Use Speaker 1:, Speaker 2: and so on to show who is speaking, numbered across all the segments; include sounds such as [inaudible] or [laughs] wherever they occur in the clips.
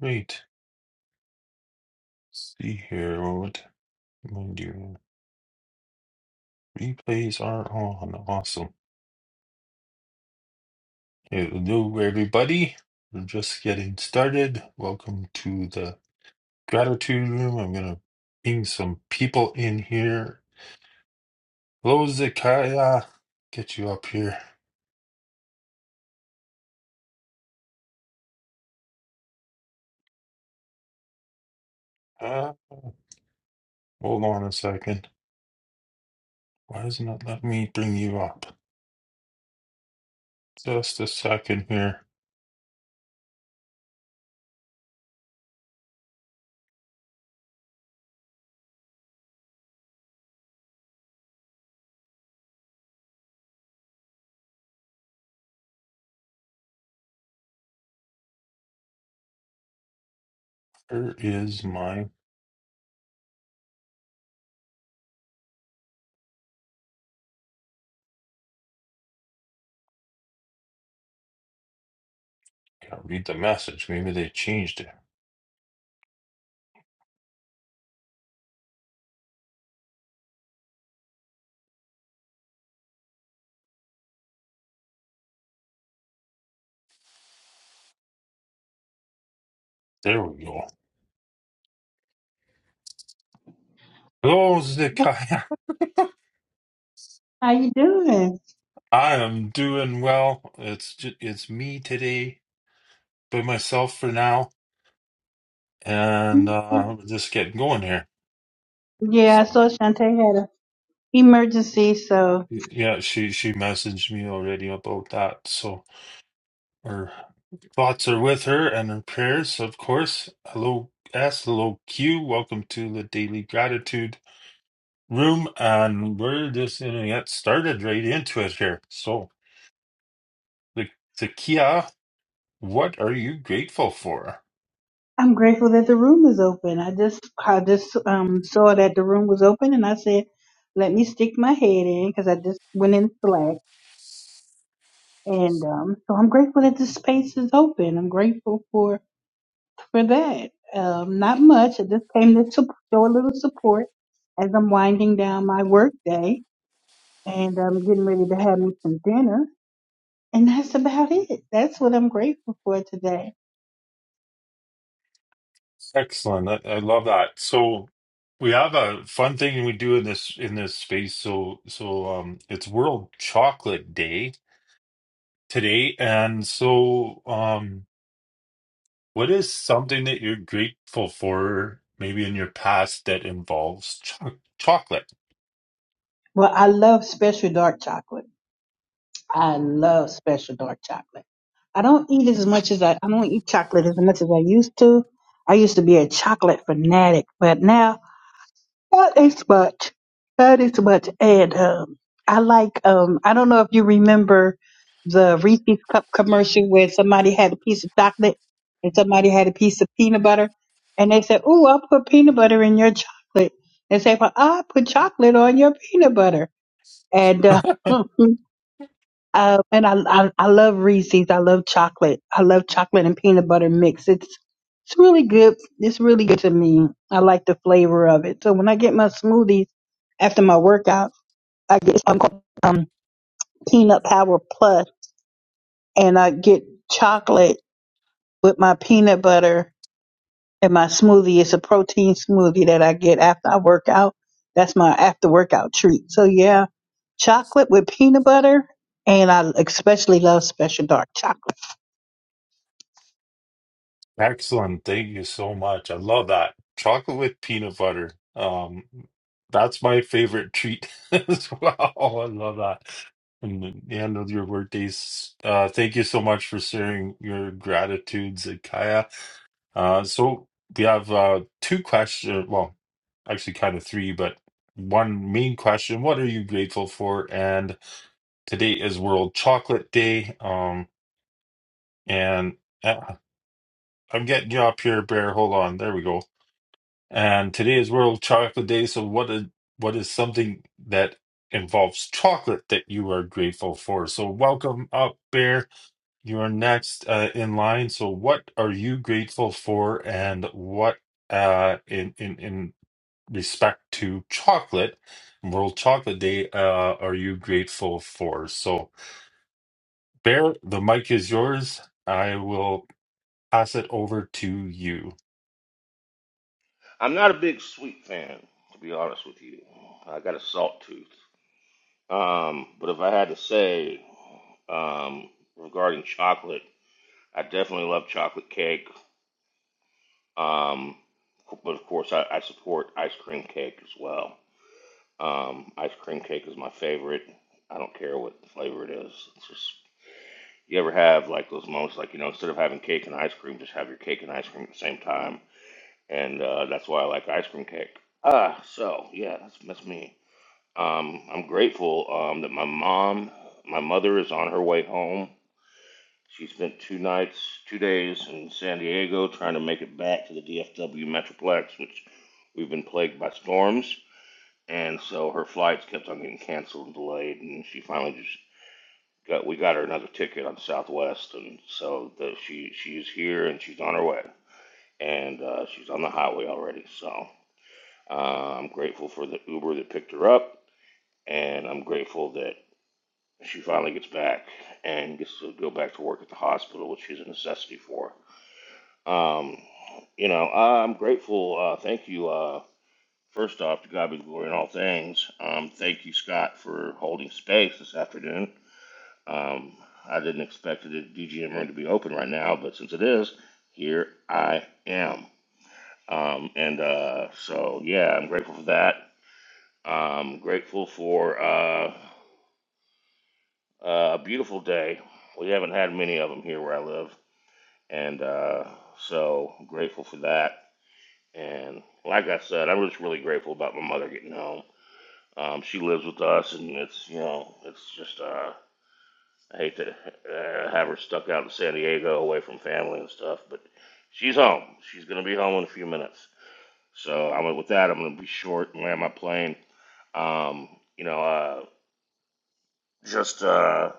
Speaker 1: Wait, let's see here, what mind you, replays are on. Awesome. Hello, everybody. We're just getting started. Welcome to the gratitude room. I'm gonna ping some people in here. Hello, Zakaya. Get you up here. Uh, hold on a second. Why doesn't it let me bring you up? Just a second here. Where is my? Can't read the message. Maybe they changed it. There we go. Hello, Zekiah.
Speaker 2: How you doing?
Speaker 1: [laughs] I am doing well. It's ju- it's me today, by myself for now, and uh, we're just getting going here.
Speaker 2: Yeah, I
Speaker 1: So
Speaker 2: saw Shantae had an emergency, so
Speaker 1: y- yeah, she she messaged me already about that. So her thoughts are with her and her prayers, of course. Hello, S. Hello, Q. Welcome to the Daily Gratitude Room, and we're just gonna get started right into it here. So the Zakiya, what are you grateful for?
Speaker 2: I'm grateful that the room is open. I just I just um saw that the room was open, and I said, "Let me stick my head in," because I just went in Slack, and um, so I'm grateful that the space is open. I'm grateful for for that. Um, not much. I just came to sup- show a little support as I'm winding down my work day, and I'm getting ready to have me some dinner. And that's about it. That's what I'm grateful for today.
Speaker 1: Excellent. I, I love that. So we have a fun thing we do in this in this space. So so um it's World Chocolate Day today. And so um what is something that you're grateful for maybe in your past that involves cho chocolate?
Speaker 2: Well, I love special dark chocolate. I love special dark chocolate. I don't eat as much as I, I don't eat chocolate as much as I used to. I used to be a chocolate fanatic, but now That is much. That is much. And um, I like. Um, I don't know if you remember the Reese's cup commercial where somebody had a piece of chocolate and somebody had a piece of peanut butter, and they said, "Ooh, I'll put peanut butter in your chocolate." They say, "Well, I put chocolate on your peanut butter," and uh, [laughs] Uh, and I, I I love Reese's. I love chocolate. I love chocolate and peanut butter mix. It's it's really good. It's really good to me. I like the flavor of it. So when I get my smoothies after my workout, I get um, called, um peanut power plus, and I get chocolate with my peanut butter and my smoothie. It's a protein smoothie that I get after I work out. That's my after workout treat. So yeah, chocolate with peanut butter, and I especially love Special Dark chocolate.
Speaker 1: Excellent. Thank you so much. I love that. Chocolate with peanut butter. Um, that's my favorite treat [laughs] as well. I love that. And the the end of your workdays. Uh, thank you so much for sharing your gratitudes, Kaya. Uh, so we have uh, two questions. Well, actually, kind of three, but one main question: What are you grateful for? And today is World Chocolate Day. Um, and uh, I'm getting you up here, Bear. Hold on. There we go. And today is World Chocolate Day. So, what is what is something that involves chocolate that you are grateful for? So, welcome up, Bear. You are next uh, in line. So, what are you grateful for, and what uh, in in in respect to chocolate, World Chocolate Day, uh, are you grateful for? So, Bear, the mic is yours. I will pass it over to you.
Speaker 3: I'm not a big sweet fan, to be honest with you. I got a salt tooth. Um, but if I had to say um, regarding chocolate, I definitely love chocolate cake. Um, but of course, I, I support ice cream cake as well. Um, ice cream cake is my favorite. I don't care what flavor it is. It's just you ever have like those moments, like you know, instead of having cake and ice cream, just have your cake and ice cream at the same time, and uh, that's why I like ice cream cake. Ah, so yeah, that's that's me. Um, I'm grateful um, that my mom, my mother is on her way home. She spent two nights, two days in San Diego trying to make it back to the DFW Metroplex, which we've been plagued by storms. And so her flights kept on getting canceled and delayed, and she finally just got we got her another ticket on Southwest, and so the, she she's here and she's on her way, and uh, she's on the highway already. So uh, I'm grateful for the Uber that picked her up, and I'm grateful that And she finally gets back and gets to go back to work at the hospital, which she's a necessity for. her. Um, you know, I'm grateful. Uh, thank you. Uh, first off, to God be glory in all things. Um, thank you, Scott, for holding space this afternoon. Um, I didn't expect the DGM room to be open right now, but since it is, here I am. Um, and uh, so, yeah, I'm grateful for that. I'm grateful for uh, Uh, a beautiful day. We haven't had many of them here where I live, and uh, so I'm grateful for that. And like I said, I'm just really grateful about my mother getting home. Um, she lives with us, and it's you know, it's just uh, I hate to uh, have her stuck out in San Diego away from family and stuff, but she's home. She's gonna be home in a few minutes. So I'm with that. I'm gonna be short and land my plane. Um, you know, uh, just uh,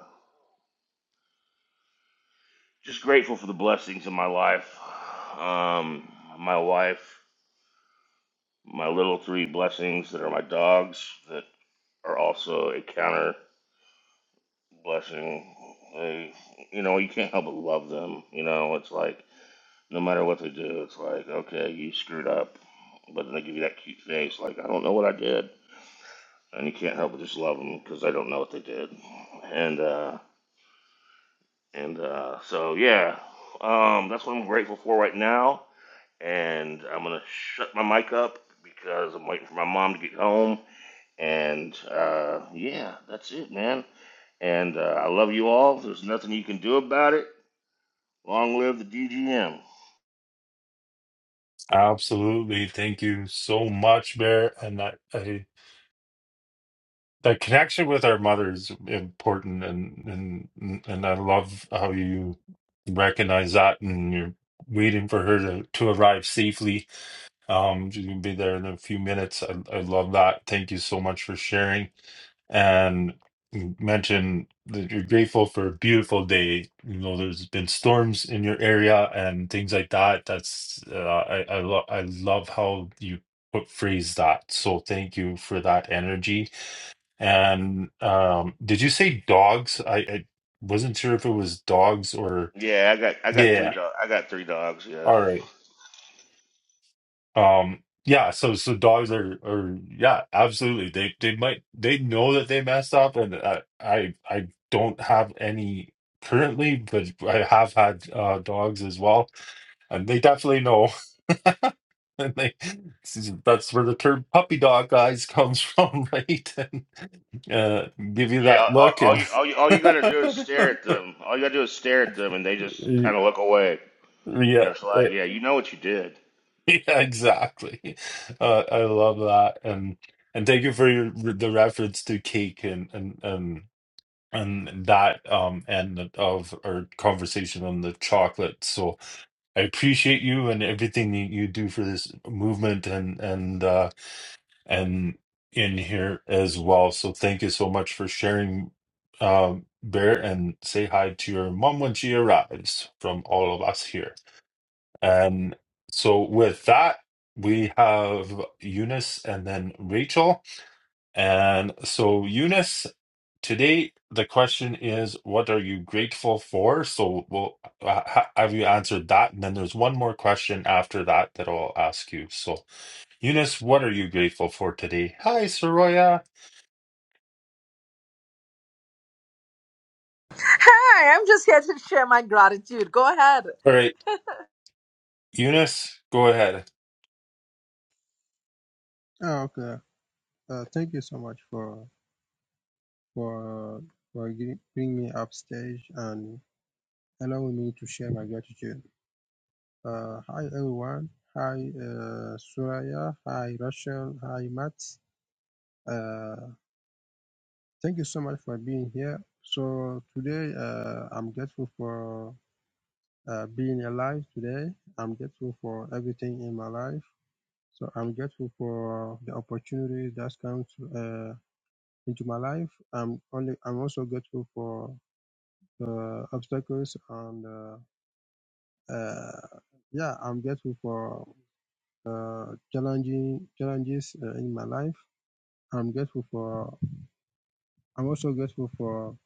Speaker 3: just grateful for the blessings in my life. Um, my wife, my little three blessings that are my dogs that are also a counter blessing. They, you know, you can't help but love them. You know, it's like no matter what they do, it's like okay, you screwed up, but then they give you that cute face, like I don't know what I did, and you can't help but just love them because they don't know what they did, and uh, and uh, so yeah, um, that's what I'm grateful for right now. and I'm gonna shut my mic up because I'm waiting for my mom to get home. And uh, yeah, that's it, man. And uh, I love you all. There's nothing you can do about it. Long live the DGM.
Speaker 1: Absolutely. Thank you so much, Bear. And that I, that connection with our mother is important and and and I love how you recognize that and you're waiting for her to, to arrive safely. Um she's gonna be there in a few minutes. I, I love that. Thank you so much for sharing and you mentioned that you're grateful for a beautiful day. You know, there's been storms in your area and things like that. That's uh, I I, lo- I love how you put phrase that. So thank you for that energy. And um, did you say dogs? I, I wasn't sure if it was dogs or
Speaker 3: Yeah, I got I got three
Speaker 1: yeah.
Speaker 3: dogs. I got three dogs. Yeah.
Speaker 1: All right. Um, yeah, so so dogs are are yeah, absolutely. They they might they know that they messed up, and I I, I don't have any currently, but I have had uh, dogs as well, and they definitely know. [laughs] And they that's where the term puppy dog guys comes from, [laughs] right? And uh, give you
Speaker 3: Yeah,
Speaker 1: that
Speaker 3: all,
Speaker 1: look
Speaker 3: all
Speaker 1: and
Speaker 3: you all you all you gotta do is stare at
Speaker 1: [laughs]
Speaker 3: them. All you gotta do is stare at them, and they just kind of look away.
Speaker 1: yeah,
Speaker 3: And it's
Speaker 1: eh,
Speaker 3: like, yeah, you know what you did.
Speaker 1: [laughs] Yeah, exactly. Uh, I love that, and and thank you for your, the reference to cake and and and and that um end of our conversation on the chocolate. So I appreciate you and everything you you do for this movement and and uh, and in here as well. So thank you so much for sharing, um, Bear, and say hi to your mom when she arrives from all of us here. And so with that, we have Eunice and then Rachel. And so Eunice, today the question is, what are you grateful for? So we'll uh, ha- have you answered that, and then there's one more question after that that I'll ask you. So Eunice, what are you grateful for today? Hi, Soraya.
Speaker 4: Hi, I'm just here to share my gratitude. Go ahead.
Speaker 1: All right, Eunice, go ahead.
Speaker 5: Oh, okay. Uh, thank you so much for for for giving bringing me upstage and allowing me to share my gratitude. Uh, hi everyone. Hi uh, Suraya. Hi Rachel. Hi Matt. Uh, thank you so much for being here. So today uh, I'm grateful for uh, being alive today. I'm grateful for everything in my life. So I'm grateful for the opportunities that comes. Uh, into my life. I'm only I'm also grateful for the obstacles and uh, uh, yeah, I'm grateful for uh, challenging challenges uh, in my life. I'm grateful for I'm also grateful for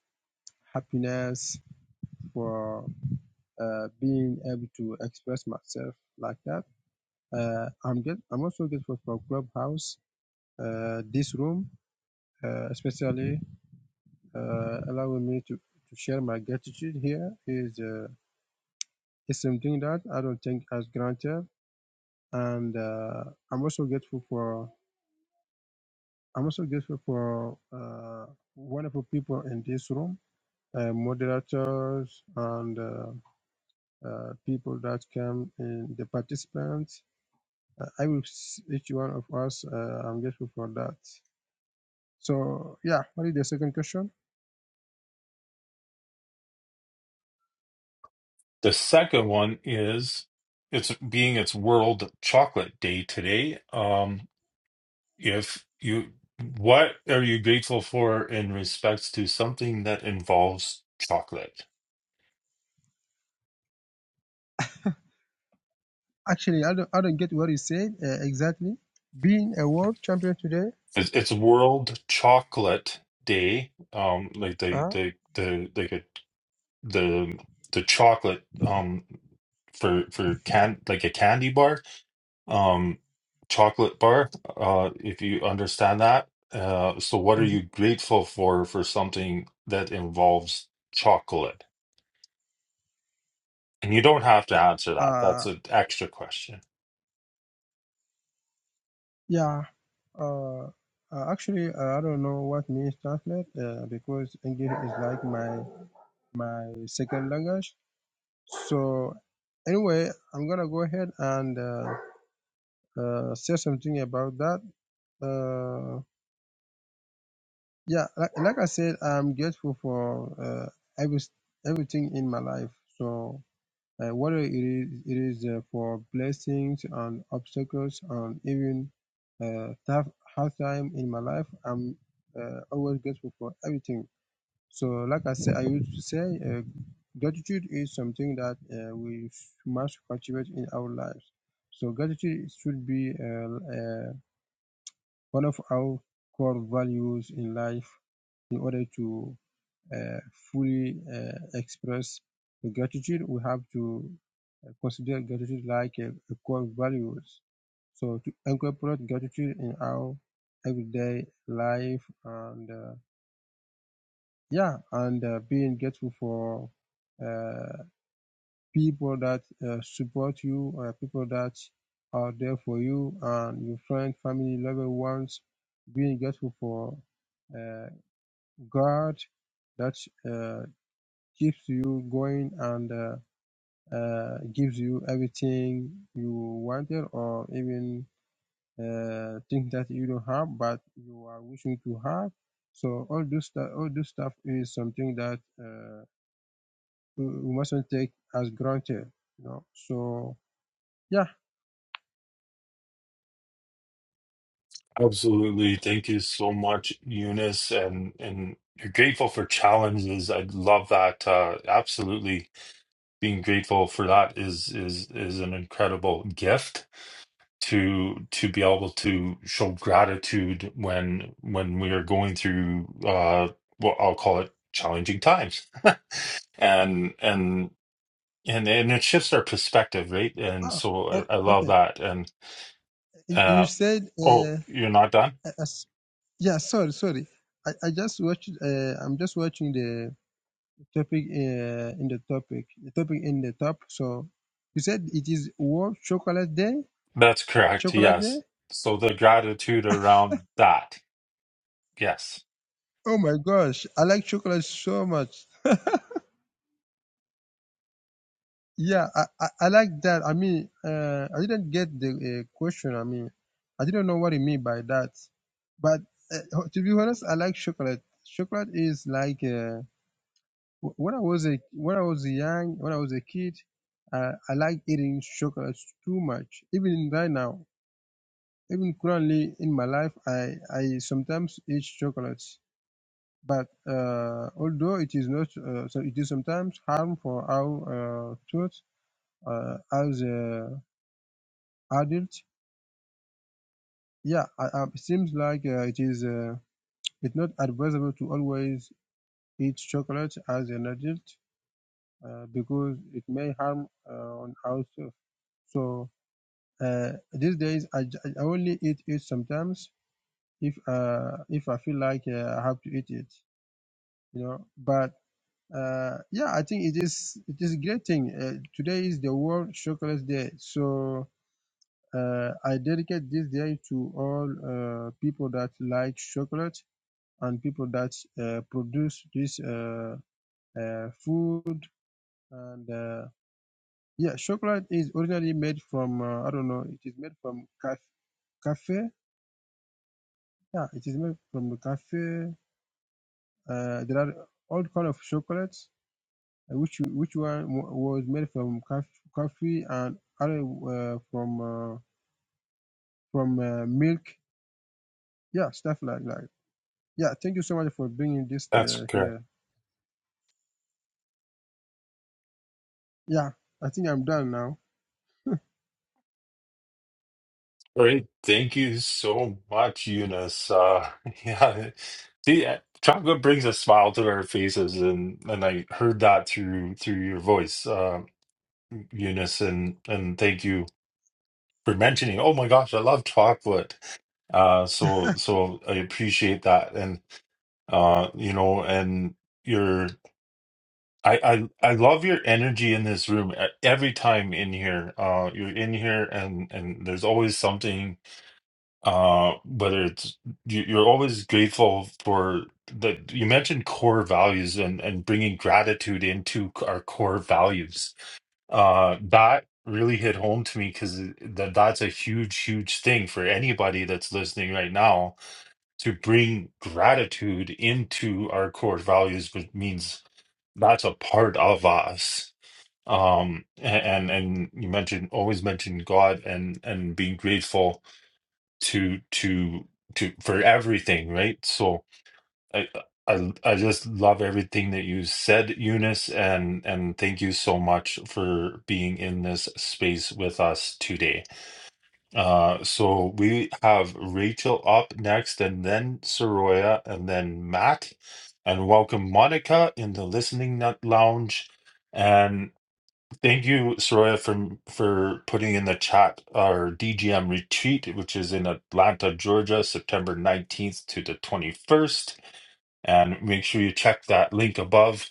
Speaker 5: happiness for uh, being able to express myself like that. Uh, I'm get, I'm also grateful for Clubhouse, uh, this room, uh, especially uh, allowing me to, to share my gratitude here. Is uh, It's something that I don't think as granted, and uh, I'm also grateful for I'm also grateful for uh, wonderful people in this room, uh, moderators and uh, uh, people that came in the participants. Uh, I will s- each one of us. Uh, I'm grateful for that. So yeah, what is the second question?
Speaker 1: The second one is it's being its World Chocolate Day today. Um, if you what are you grateful for in respects to something that involves chocolate
Speaker 5: Actually, I don't I don't get what you said uh, exactly. Being a world champion today.
Speaker 1: it's, it's world chocolate day um like the
Speaker 5: Uh,
Speaker 1: the the like a, the the chocolate um for for can like a candy bar um chocolate bar uh if you understand that uh so what are
Speaker 5: mhm.
Speaker 1: you grateful for for something that involves chocolate and you don't have to answer that
Speaker 5: Uh,
Speaker 1: that's an extra question
Speaker 5: Yeah, uh, uh, actually, uh, I don't know what means translate uh, because English is like my my second language. So anyway, I'm gonna go ahead and uh, uh, say something about that. Uh, yeah, like, like I said, I'm grateful for uh, every everything in my life. So Uh, Whether it is it is uh, for blessings and obstacles and even uh, tough hard time in my life, I'm uh, always grateful for everything. So, like I said, I used to say, uh, gratitude is something that uh, we must cultivate in our lives. So, gratitude should be uh, uh, one of our core values in life in order to uh, fully uh, express gratitude, we have to uh, consider gratitude like a, a core values. So to incorporate gratitude in our everyday life and uh, yeah, and uh, being grateful for uh, people that uh, support you, uh, people that are there for you, and your friends, family, loved ones. Being grateful for uh, God that uh, keeps you going and uh, uh, gives you everything you wanted or even uh, things that you don't have but you are wishing to have. So all this stuff, all this stuff is something that uh, we mustn't take as granted. You know. So yeah.
Speaker 1: Absolutely. Thank you so much, Eunice. And and you're grateful for challenges. I love that. Uh, absolutely. Being grateful for that is is is an incredible gift to to be able to show gratitude when when we are going through uh what I'll call it challenging times. And and and and it shifts our perspective, right? And
Speaker 5: Ah,
Speaker 1: so I,
Speaker 5: Oh.
Speaker 1: I love
Speaker 5: okay.
Speaker 1: that. And
Speaker 5: You you
Speaker 1: uh
Speaker 5: said
Speaker 1: oh,
Speaker 5: uh,
Speaker 1: you're not done?
Speaker 5: as, yeah. Sorry, sorry. I, I just watched. Uh, I'm just watching the topic uh, in the topic the topic in the top so you said it is world chocolate day
Speaker 1: That's correct.
Speaker 5: chocolate day
Speaker 1: Yes. So the gratitude around that. Yes,
Speaker 5: oh my gosh i like chocolate so much yeah i i, I like that i mean uh, i didn't get the uh, question i mean i didn't know what you mean by that but uh, to be honest i like chocolate chocolate is like uh, wh- when i was a when i was young when i was a kid uh, i like eating chocolate too much even right now Even currently in my life, I, I sometimes eat chocolates, but uh, although it is not, uh, so it is sometimes harm for our uh, tooth uh, as uh, adults. Yeah, I, I, it seems like uh, it is uh, it's not advisable to always eat chocolate as an adult uh, because it may harm uh, on our tooth. So uh, these days, I, j- I only eat it sometimes if uh, if I feel like uh, I have to eat it. you know but uh, yeah i think it is it is a great thing uh, today is the world chocolate day so uh, i dedicate this day to all uh, people that like chocolate and people that uh, produce this uh, uh, food and uh, yeah chocolate is originally made from uh, i don't know it is made from caf- cafe yeah it is made from the cafe uh, there are all kind of chocolate which which one was made from coff- coffee and other uh, from uh, from uh, milk. Yeah, stuff like that. Yeah, thank you so much for bringing this
Speaker 1: that's
Speaker 5: uh,
Speaker 1: correct.
Speaker 5: here. Yeah, I think I'm done now.
Speaker 1: Great. Thank you so much, Eunice. Uh, [laughs] yeah. See, uh, chocolate brings a smile to our faces, and and I heard that through through your voice, uh, Eunice, and and thank you for mentioning. Oh my gosh, I love chocolate. Uh, so so I appreciate that, and uh, you know, and your. I, I I love your energy in this room uh, every time in here. Uh, you're in here and and there's always something. Uh, whether it's you, you're always grateful for that. You mentioned core values and and bringing gratitude into c- our core values. Uh, that really hit home to me because that that's a huge huge thing for anybody that's listening right now to bring gratitude into our core values, which means that's a part of us um and and you mentioned always mention God and and being grateful to to to for everything right so I I I just love everything that you said Eunice and and thank you so much for being in this space with us today uh so we have Rachel up next and then Soroya and then Matt and welcome Monica in the listening Nut lounge Thank you, Soraya, for for putting in the chat our DGM retreat, which is in Atlanta, Georgia, September 19th to the 21st. And make sure you check that link above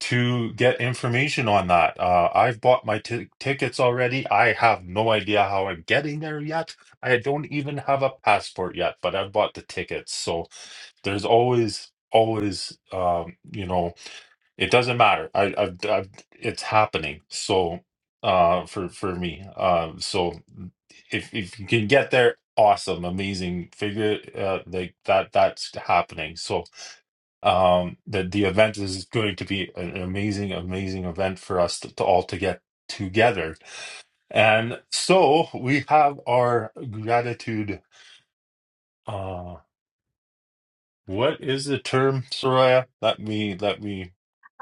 Speaker 1: to get information on that. Uh, I've bought my ti- tickets already. I have no idea how I'm getting there yet. I don't even have a passport yet, but I've bought the tickets. So there's always, always, um, you know. It doesn't matter. I, I've, I've, it's happening. So, uh, for for me, um, so mm, if if you can get there, awesome, amazing. Figure, uh, like that that's happening. So, um, the the event is going to be an amazing, amazing event for us to, to all to get together. And so we have our gratitude. Uh, what is the term, Soraya? Let me let me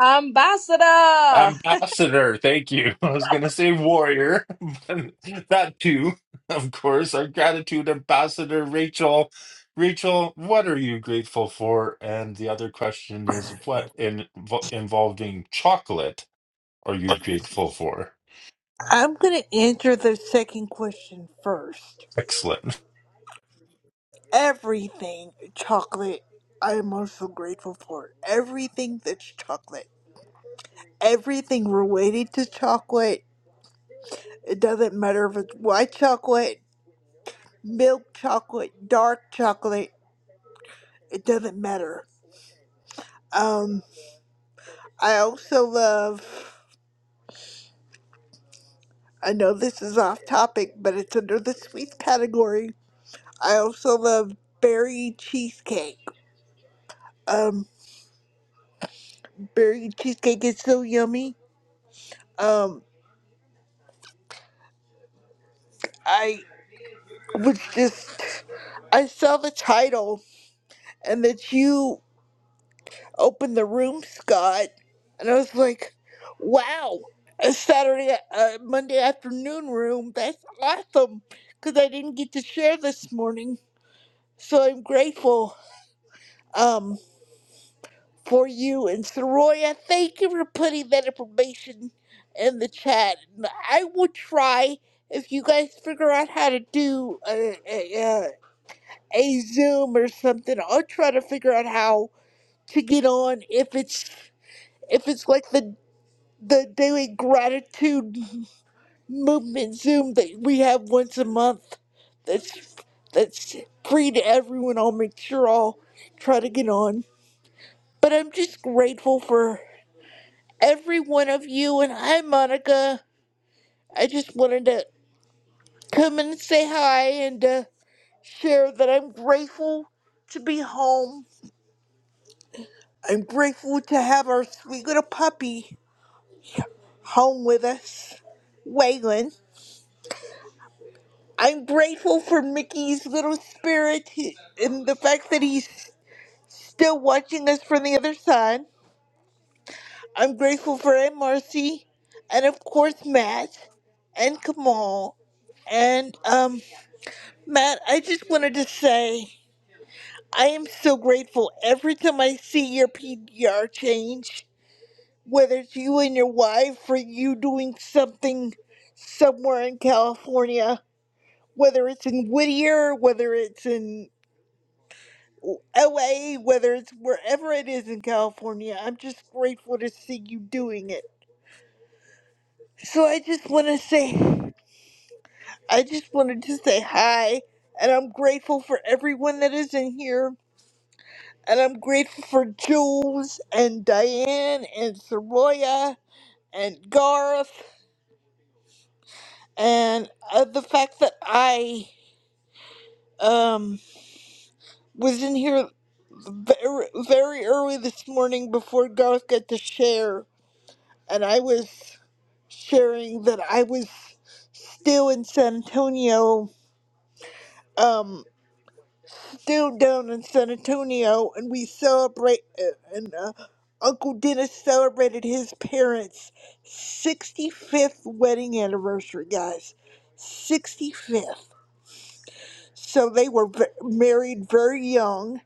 Speaker 4: Ambassador! I'll
Speaker 1: Ambassador, thank you. [laughs] I was going to say warrior, [laughs] but that too, of course. Our gratitude, Ambassador Rachel. Rachel, what are you grateful for? And the other question is, what in, involving chocolate are you grateful for?
Speaker 6: I'm gonna answer the second question first.
Speaker 1: Excellent.
Speaker 6: Everything chocolate, I am also grateful for. Everything that's chocolate. Everything related to chocolate. It doesn't matter if it's white chocolate, milk chocolate, dark chocolate. It doesn't matter. Um, I also love. I know this is off topic, but it's under the sweets category. I also love berry cheesecake. Um, berry cheesecake is so yummy Um, I was just, I saw the title and that you opened the room, Scott, and I was like, wow, a Saturday, uh, Monday afternoon room. That's awesome because I didn't get to share this morning. So I'm grateful um, for you and Soroya. Thank you for putting that information in the chat. And I will try if you guys figure out how to do. Uh, a Zoom or something. I'll try to figure out how to get on if it's if it's like the the daily gratitude movement Zoom that we have once a month. That's that's free to everyone. I'll make sure I'll try to get on. But I'm just grateful for every one of you and hi Monica. I just wanted to come and say hi and uh, share that I'm grateful to be home I'm grateful to have our sweet little puppy home with us, Waylon. I'm grateful for Mickey's little spirit and the fact that he's still watching us from the other side. I'm grateful for Aunt Marcy and of course Matt and Kamal. And um Matt, I just wanted to say I am so grateful every time I see your PDR change. whether it's you and your wife or you doing something somewhere in California, whether it's in Whittier, whether it's in LA, whether it's wherever it is in California, I'm just grateful to see you doing it. So I just want to say, I just wanted to say hi, and I'm grateful for everyone that is in here, and I'm grateful for Jules and Diane and Soroya and Garth and uh, the fact that I um was in here very, very early this morning before Garth got to share, and I was sharing that I was still in San Antonio, um, still down in San Antonio, and we celebrate, uh, and uh, Uncle Dennis celebrated his parents' 65th wedding anniversary, guys. 65th. So they were v- married very young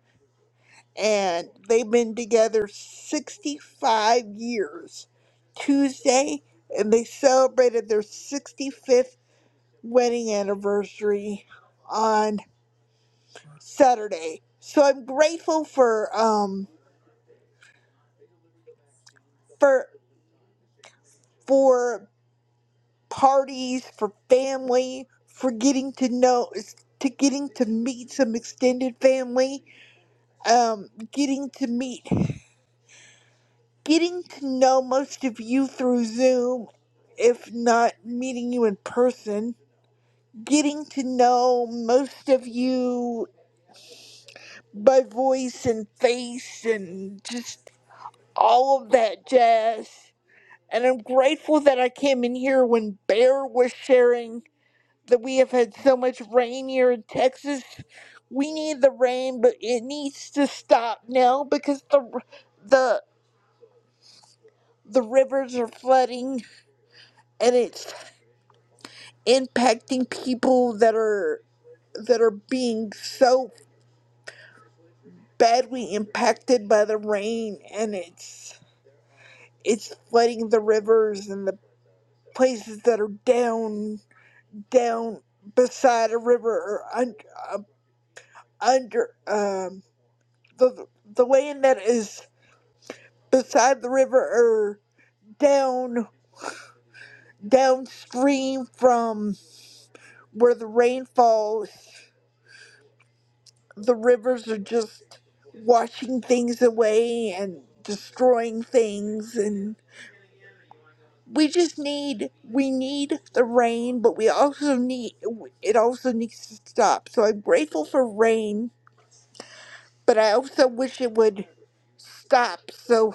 Speaker 6: and they've been together 65 years Tuesday, and they celebrated their 65th wedding anniversary on Saturday. So I'm grateful for um for for parties, for family, for getting to know to getting to meet some extended family, um, getting to meet getting to know most of you through Zoom, if not meeting you in person, getting to know most of you by voice and face and just all of that jazz. And I'm grateful that I came in here when Bear was sharing that we have had so much rain here in Texas. We need the rain, but it needs to stop now because the the the rivers are flooding and it's impacting people that are that are being so badly impacted by the rain and it's it's flooding the rivers and the places that are down down beside a river or under uh, under um the the land that is beside the river or down downstream from where the rain falls the rivers are just washing things away and destroying things and we just need we need the rain but we also need it also needs to stop so i'm grateful for rain but i also wish it would stop so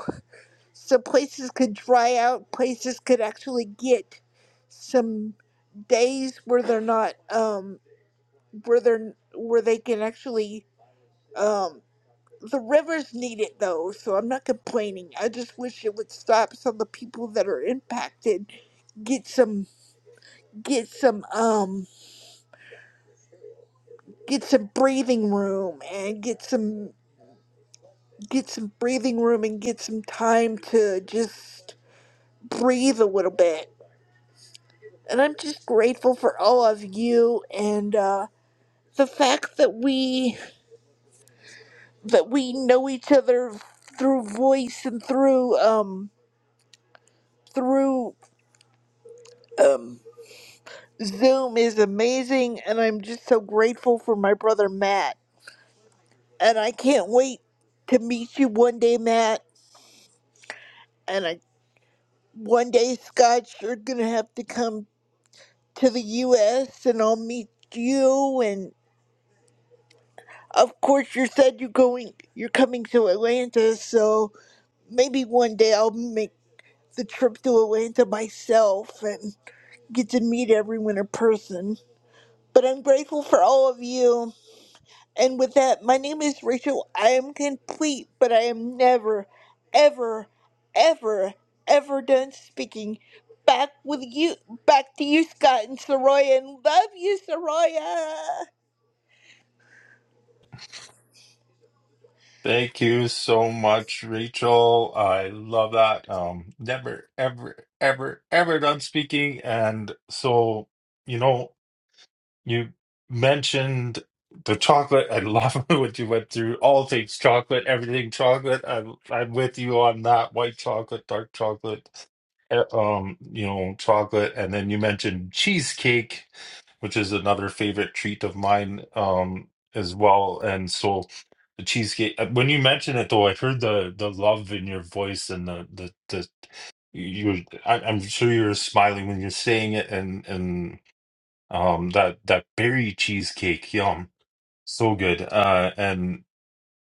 Speaker 6: so places could dry out places could actually get some days where they're not um where they're where they can actually um. the rivers need it though, so I'm not complaining. I just wish it would stop so the people that are impacted get some get some um get some breathing room and get some get some breathing room and get some time to just breathe a little bit. And I'm just grateful for all of you and uh the fact that we that we know each other through voice and through um through um. Zoom is amazing, and I'm just so grateful for my brother Matt. And I can't wait to meet you one day, Matt. And I, one day, Scott, you're gonna have to come to the U.S. and I'll meet you. And of course, you said you're going, you're coming to Atlanta, so maybe one day I'll make the trip to Atlanta myself and get to meet everyone in person. But I'm grateful for all of you. And with that, my name is Rachel. I am complete, but I am never, ever, ever, ever done speaking. Back with you, back to you, Scott and Soraya, and love you, Soraya.
Speaker 1: Thank you so much, Rachel. I love that. Um, never, ever, ever, ever done speaking. And so, you know. you mentioned the chocolate. I love [laughs] what you went through. All things chocolate, everything chocolate. I'm I'm with you on that. White chocolate, dark chocolate, eh, um, you know, chocolate. And then you mentioned cheesecake, which is another favorite treat of mine, um, as well. And so the cheesecake. uh, When you mentioned it, though, I heard the the love in your voice and the the the. you I, I'm sure you're smiling when you're saying it, and and um, that that berry cheesecake, yum, so good. Uh, and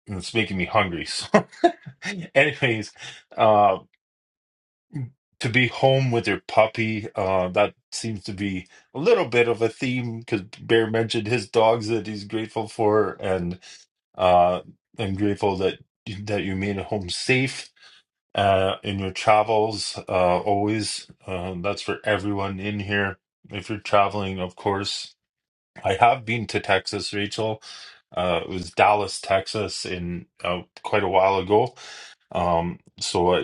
Speaker 1: it's making me hungry. So, [laughs] anyways, uh, to be home with your puppy, uh, that seems to be a little bit of a theme because Bear mentioned his dogs that he's grateful for, and uh, I'm grateful that that you made it home safe. Uh, in your travels, uh, always, uh, that's for everyone in here. If you're traveling, of course, I have been to Texas, Rachel. Uh, it was Dallas, Texas, in uh, quite a while ago. Um, so I,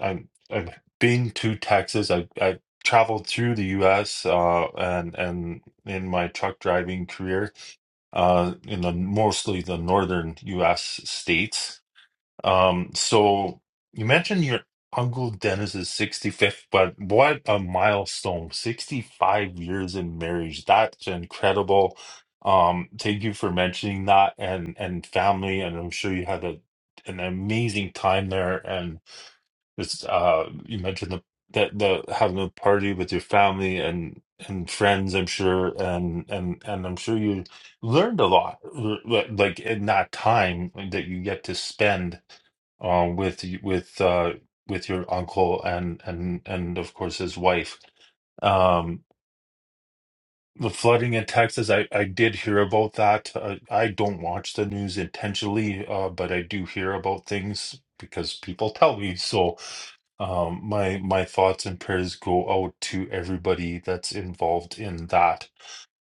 Speaker 1: I, I'm I've been to Texas. I I traveled through the U.S. Uh, and and in my truck driving career, uh, in the mostly the northern U.S. states. Um, so you mentioned your Uncle Dennis's 65th, but what a milestone. 65 years in marriage. That's incredible. Um, thank you for mentioning that and and family, and I'm sure you had a an amazing time there. And it's uh you mentioned the that the having a party with your family and and friends, I'm sure, and and and I'm sure you learned a lot like in that time that you get to spend um, with y- with uh, with your uncle and and and of course his wife. Um, the flooding in Texas, I I did hear about that. Uh, I don't watch the news intentionally, uh, but I do hear about things because people tell me. So, um, my my thoughts and prayers go out to everybody that's involved in that.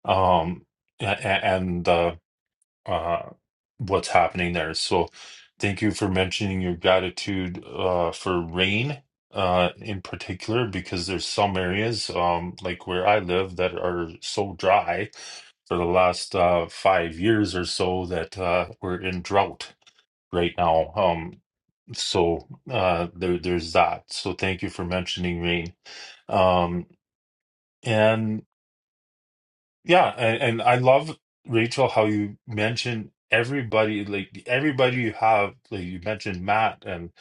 Speaker 1: Um, a- a- and uh, uh, what's happening there. So thank you for mentioning your gratitude uh, for rain uh, in particular, because there's some areas um, like where I live that are so dry for the last uh, five years or so that uh, we're in drought right now. Um, so uh, there, there's that. So thank you for mentioning rain. Um, yeah, and, and I love Rachel how you mentioned everybody, like everybody you have, like you mentioned Matt and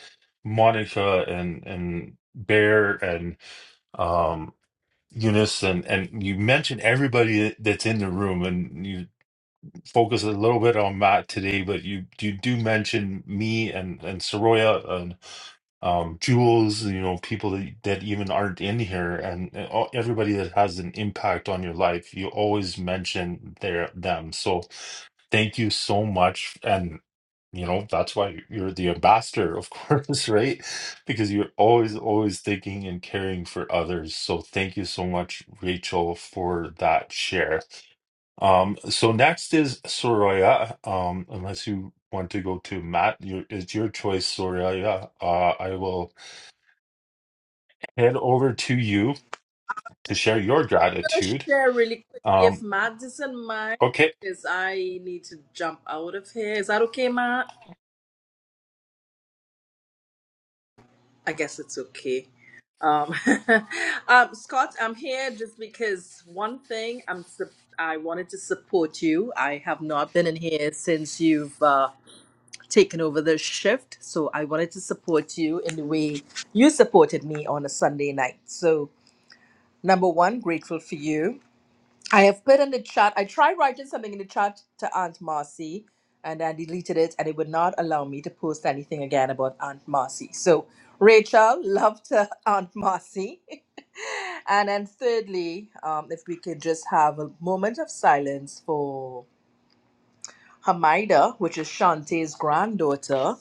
Speaker 1: Monica and and Bear and um Eunice and and you mentioned everybody that's in the room and you focus a little bit on Matt today, but you you do mention me and and Soroya um, jewels, you know, people that, that even aren't in here, and, and all, everybody that has an impact on your life, you always mention their them. So, thank you so much, and you know that's why you're the ambassador, of [laughs] course, right? Because you're always, always thinking and caring for others. So, thank you so much, Rachel, for that share. Um, so next is Soraya. Um, unless you want to go to Matt, your, it's your choice, Soraya. Uh, I will head over to you to share your gratitude.
Speaker 4: share really quick if
Speaker 1: Um,
Speaker 4: Matt doesn't mind,
Speaker 1: okay.
Speaker 4: is I need to jump out of here. Is that okay, Matt? I guess it's okay. Um, [laughs] um, Scott, I'm here just because one thing I'm sup- I wanted to support you. I have not been in here since you've uh, taken over the shift, so I wanted to support you in the way you supported me on a Sunday night. So Number one, grateful for you. I have put in the chat, I tried writing something in the chat to Aunt Marcy and I deleted it and it would not allow me to post anything again about Aunt Marcy. So, Rachel, love to [laughs] Aunt Marcy. [laughs] and then, thirdly, um, if we could just have a moment of silence for Hamida, which is Shantae's granddaughter,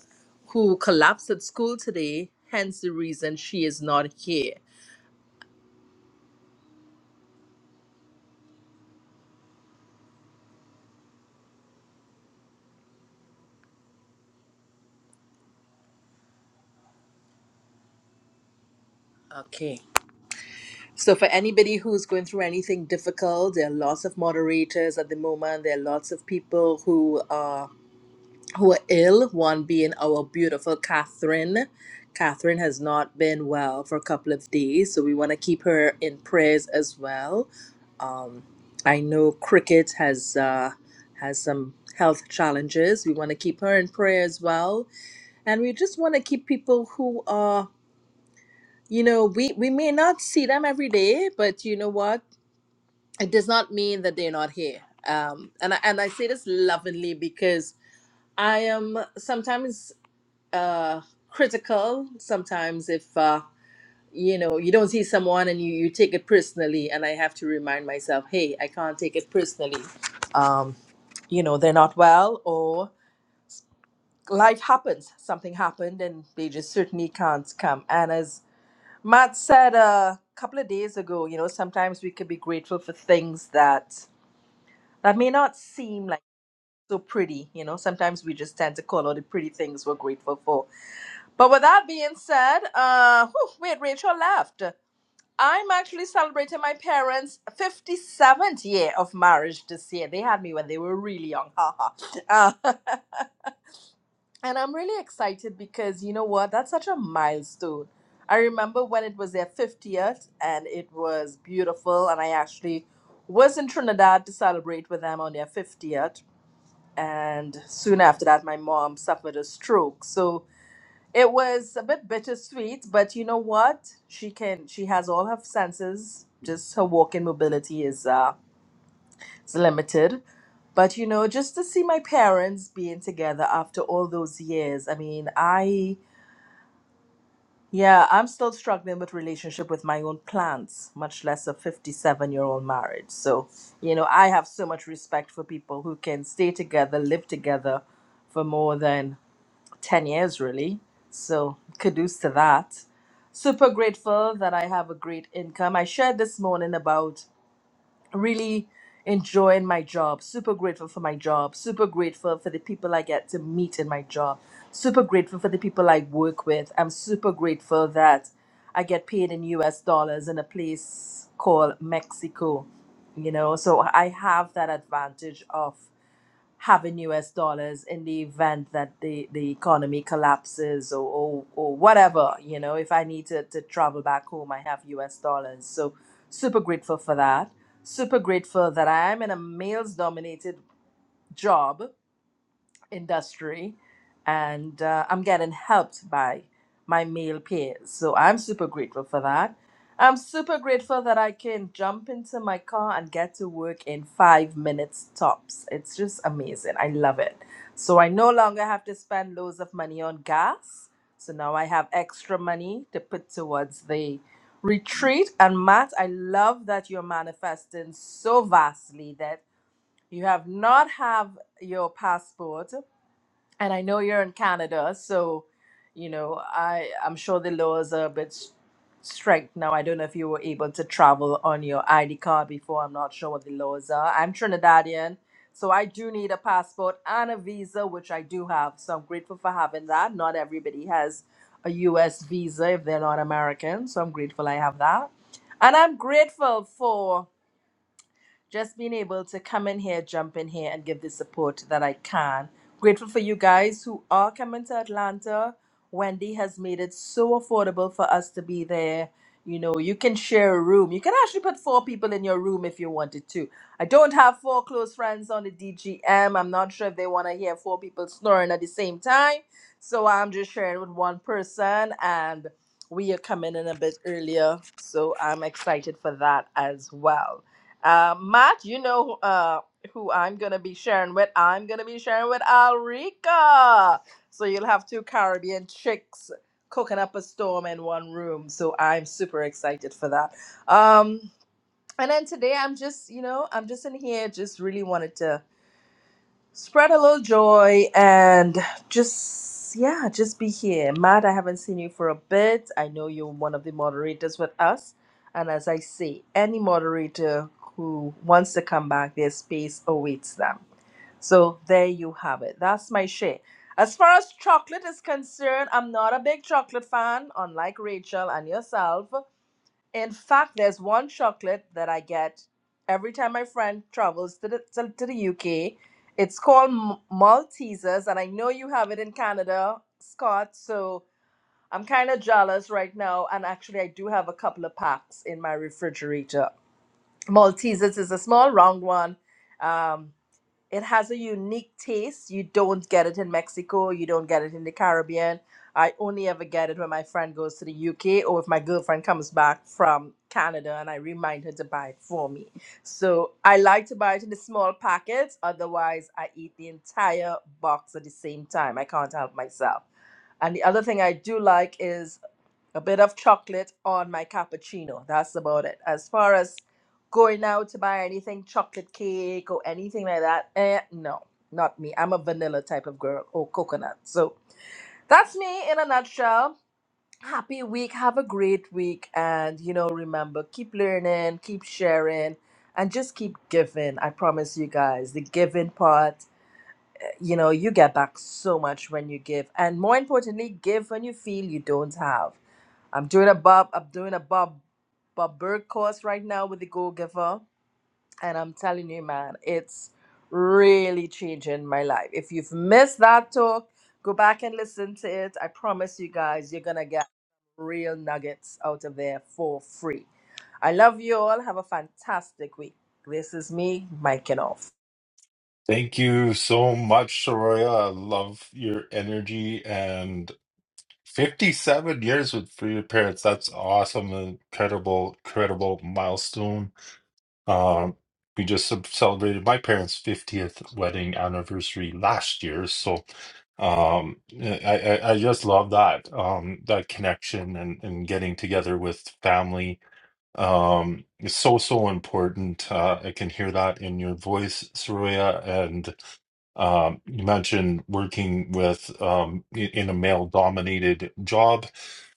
Speaker 4: who collapsed at school today, hence the reason she is not here. Okay. So, for anybody who's going through anything difficult, there are lots of moderators at the moment. There are lots of people who are who are ill. One being our beautiful Catherine. Catherine has not been well for a couple of days, so we want to keep her in prayers as well. Um, I know Cricket has uh, has some health challenges. We want to keep her in prayer as well, and we just want to keep people who are you know we we may not see them every day but you know what it does not mean that they're not here. Um, and I, and I say this lovingly because I am sometimes uh, critical. Sometimes if uh, you know you don't see someone and you, you take it personally, and I have to remind myself, hey, I can't take it personally. Um, you know they're not well, or life happens. Something happened, and they just certainly can't come. And as Matt said a couple of days ago, you know sometimes we can be grateful for things that that may not seem like. so pretty. You know, sometimes we just tend to call out the pretty things we're grateful for. But with that being said, uh, whew, wait, Rachel left. I'm actually celebrating my parents' 57th year of marriage this year. They had me when they were really young. haha. uh, [laughs] and I'm really excited because you know what? That's such a milestone. I remember when it was their 50th and it was beautiful, and I actually was in Trinidad to celebrate with them on their 50th and soon after that my mom suffered a stroke so it was a bit bittersweet but you know what she can she has all her senses just her walking mobility is uh is limited but you know just to see my parents being together after all those years i mean i yeah i'm still struggling with relationship with my own plants much less a 57 year old marriage so you know i have so much respect for people who can stay together live together for more than 10 years really. So, kudos to that. Super grateful that I have a great income. I shared this morning about really enjoying my job. Super grateful for my job. Super grateful for the people I get to meet in my job. Super grateful for the people I work with. I'm super grateful that I get paid in US dollars in a place called Mexico. You know, so I have that advantage of having US dollars in the event that the, the economy collapses or, or, or whatever, you know, if I need to, to travel back home, I have US dollars. So super grateful for that. Super grateful that I am in a males dominated job industry and uh, I'm getting helped by my male peers. So I'm super grateful for that. I'm super grateful that I can jump into my car and get to work in five minutes tops. It's just amazing. I love it. So I no longer have to spend loads of money on gas. So now I have extra money to put towards the retreat. And Matt, I love that you're manifesting so vastly that you have not have your passport and I know you're in Canada, so you know I I'm sure the laws are a bit s- strict now. I don't know if you were able to travel on your ID card before. I'm not sure what the laws are. I'm Trinidadian, so I do need a passport and a visa, which I do have. So I'm grateful for having that. Not everybody has a U.S. visa if they're not American, so I'm grateful I have that, and I'm grateful for just being able to come in here, jump in here, and give the support that I can. Grateful for you guys who are coming to Atlanta. Wendy has made it so affordable for us to be there. You know, you can share a room. You can actually put four people in your room if you wanted to. I don't have four close friends on the DGM. I'm not sure if they want to hear four people snoring at the same time. So I'm just sharing with one person, and we are coming in a bit earlier. So I'm excited for that as well. Uh, Matt, you know uh, who I'm going to be sharing with? I'm going to be sharing with Alrika. So you'll have two Caribbean chicks cooking up a storm in one room. So I'm super excited for that. Um, and then today I'm just, you know, I'm just in here, just really wanted to spread a little joy and just yeah just be here matt i haven't seen you for a bit i know you're one of the moderators with us and as i say any moderator who wants to come back their space awaits them so there you have it that's my share as far as chocolate is concerned i'm not a big chocolate fan unlike rachel and yourself in fact, there's one chocolate that I get every time my friend travels to the, to, to the UK. It's called M- Maltesers, and I know you have it in Canada, Scott. So I'm kind of jealous right now. And actually, I do have a couple of packs in my refrigerator. Maltesers is a small round one. Um, it has a unique taste. You don't get it in Mexico. You don't get it in the Caribbean. I only ever get it when my friend goes to the UK or if my girlfriend comes back from Canada and I remind her to buy it for me. So I like to buy it in the small packets. Otherwise, I eat the entire box at the same time. I can't help myself. And the other thing I do like is a bit of chocolate on my cappuccino. That's about it. As far as going out to buy anything, chocolate cake or anything like that, eh, no, not me. I'm a vanilla type of girl or coconut. So that's me in a nutshell. Happy week. Have a great week. And, you know, remember, keep learning, keep sharing, and just keep giving. I promise you guys, the giving part, eh, you know, you get back so much when you give. And more importantly, give when you feel you don't have I'm doing a Bob I'm doing a Bob Bob Berg course right now with the Go Giver. And I'm telling you, man, it's really changing my life. If you've missed that talk, go back and listen to it. I promise you guys, you're gonna get real nuggets out of there for free. I love you all. Have a fantastic week. This is me, Mike off.
Speaker 1: Thank you so much, Soraya. I love your energy and 57 years with for your parents. That's awesome. Incredible, incredible milestone. Um, we just ce- celebrated my parents' 50th wedding anniversary last year. So um, I, I, I just love that, um, that connection and, and getting together with family Um, it's so, so important. Uh, I can hear that in your voice, Surya. And um, you mentioned working with um, i- in a male-dominated job,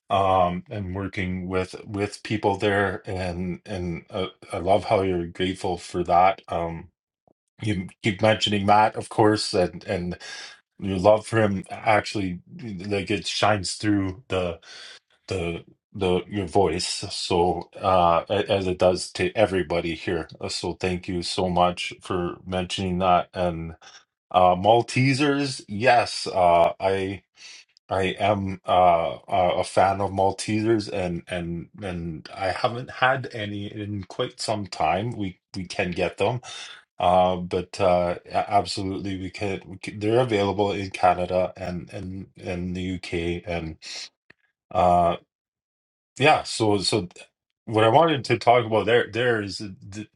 Speaker 1: um, and working with with people there. And and uh, I love how you're grateful for that. Um, you keep mentioning Matt, of course, and and your love for him actually like it shines through the the your voice so uh a- as it does to everybody here Uh, so thank you so much for mentioning that and uh Maltesers yes uh I I am uh a a fan of Maltesers and and and I haven't had any in quite some time we we can get them uh but uh a- absolutely we can, we can they're available in Canada and and and the UK and uh, yeah, so so what I wanted to talk about there there is the,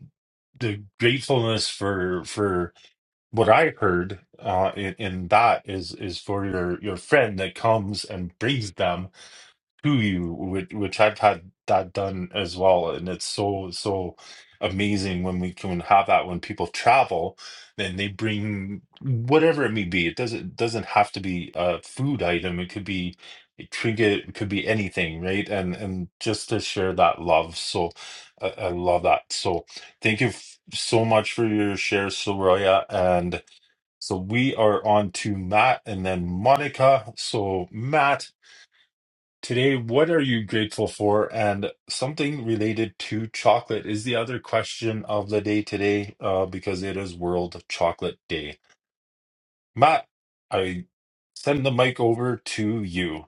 Speaker 1: the gratefulness for for what I heard uh in, in that is is for your your friend that comes and brings them to you, which which I've had that done as well, and it's so so amazing when we can have that when people travel, then they bring whatever it may be. It doesn't doesn't have to be a food item. It could be a trinket, it could be anything, right? And and just to share that love. So I, I love that. So thank you f- so much for your share, Soraya, and. So we are on to Matt and then Monica. So Matt, Today, what are you grateful for? And something related to chocolate is the other question of the day today, uh, because it is World Chocolate Day. Matt, I send the mic over to you.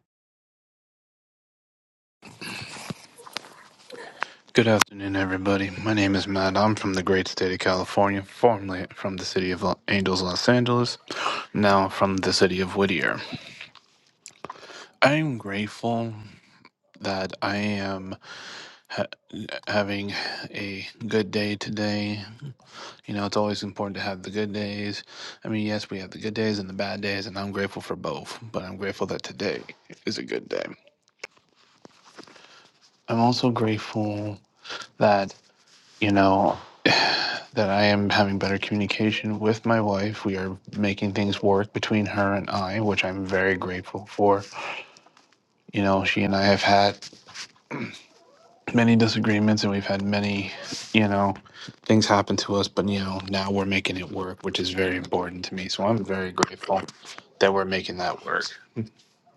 Speaker 7: Good afternoon, everybody. My name is Matt. I'm from the great state of California, formerly from the city of Lo- Angels, Los Angeles, now from the city of Whittier. I am grateful that I am ha- having a good day today. You know, it's always important to have the good days. I mean, yes, we have the good days and the bad days, and I'm grateful for both, but I'm grateful that today is a good day. I'm also grateful that, you know, that I am having better communication with my wife. We are making things work between her and I, which I'm very grateful for. You know, she and I have had many disagreements and we've had many, you know, things happen to us, but, you know, now we're making it work, which is very important to me. So I'm very grateful that we're making that work.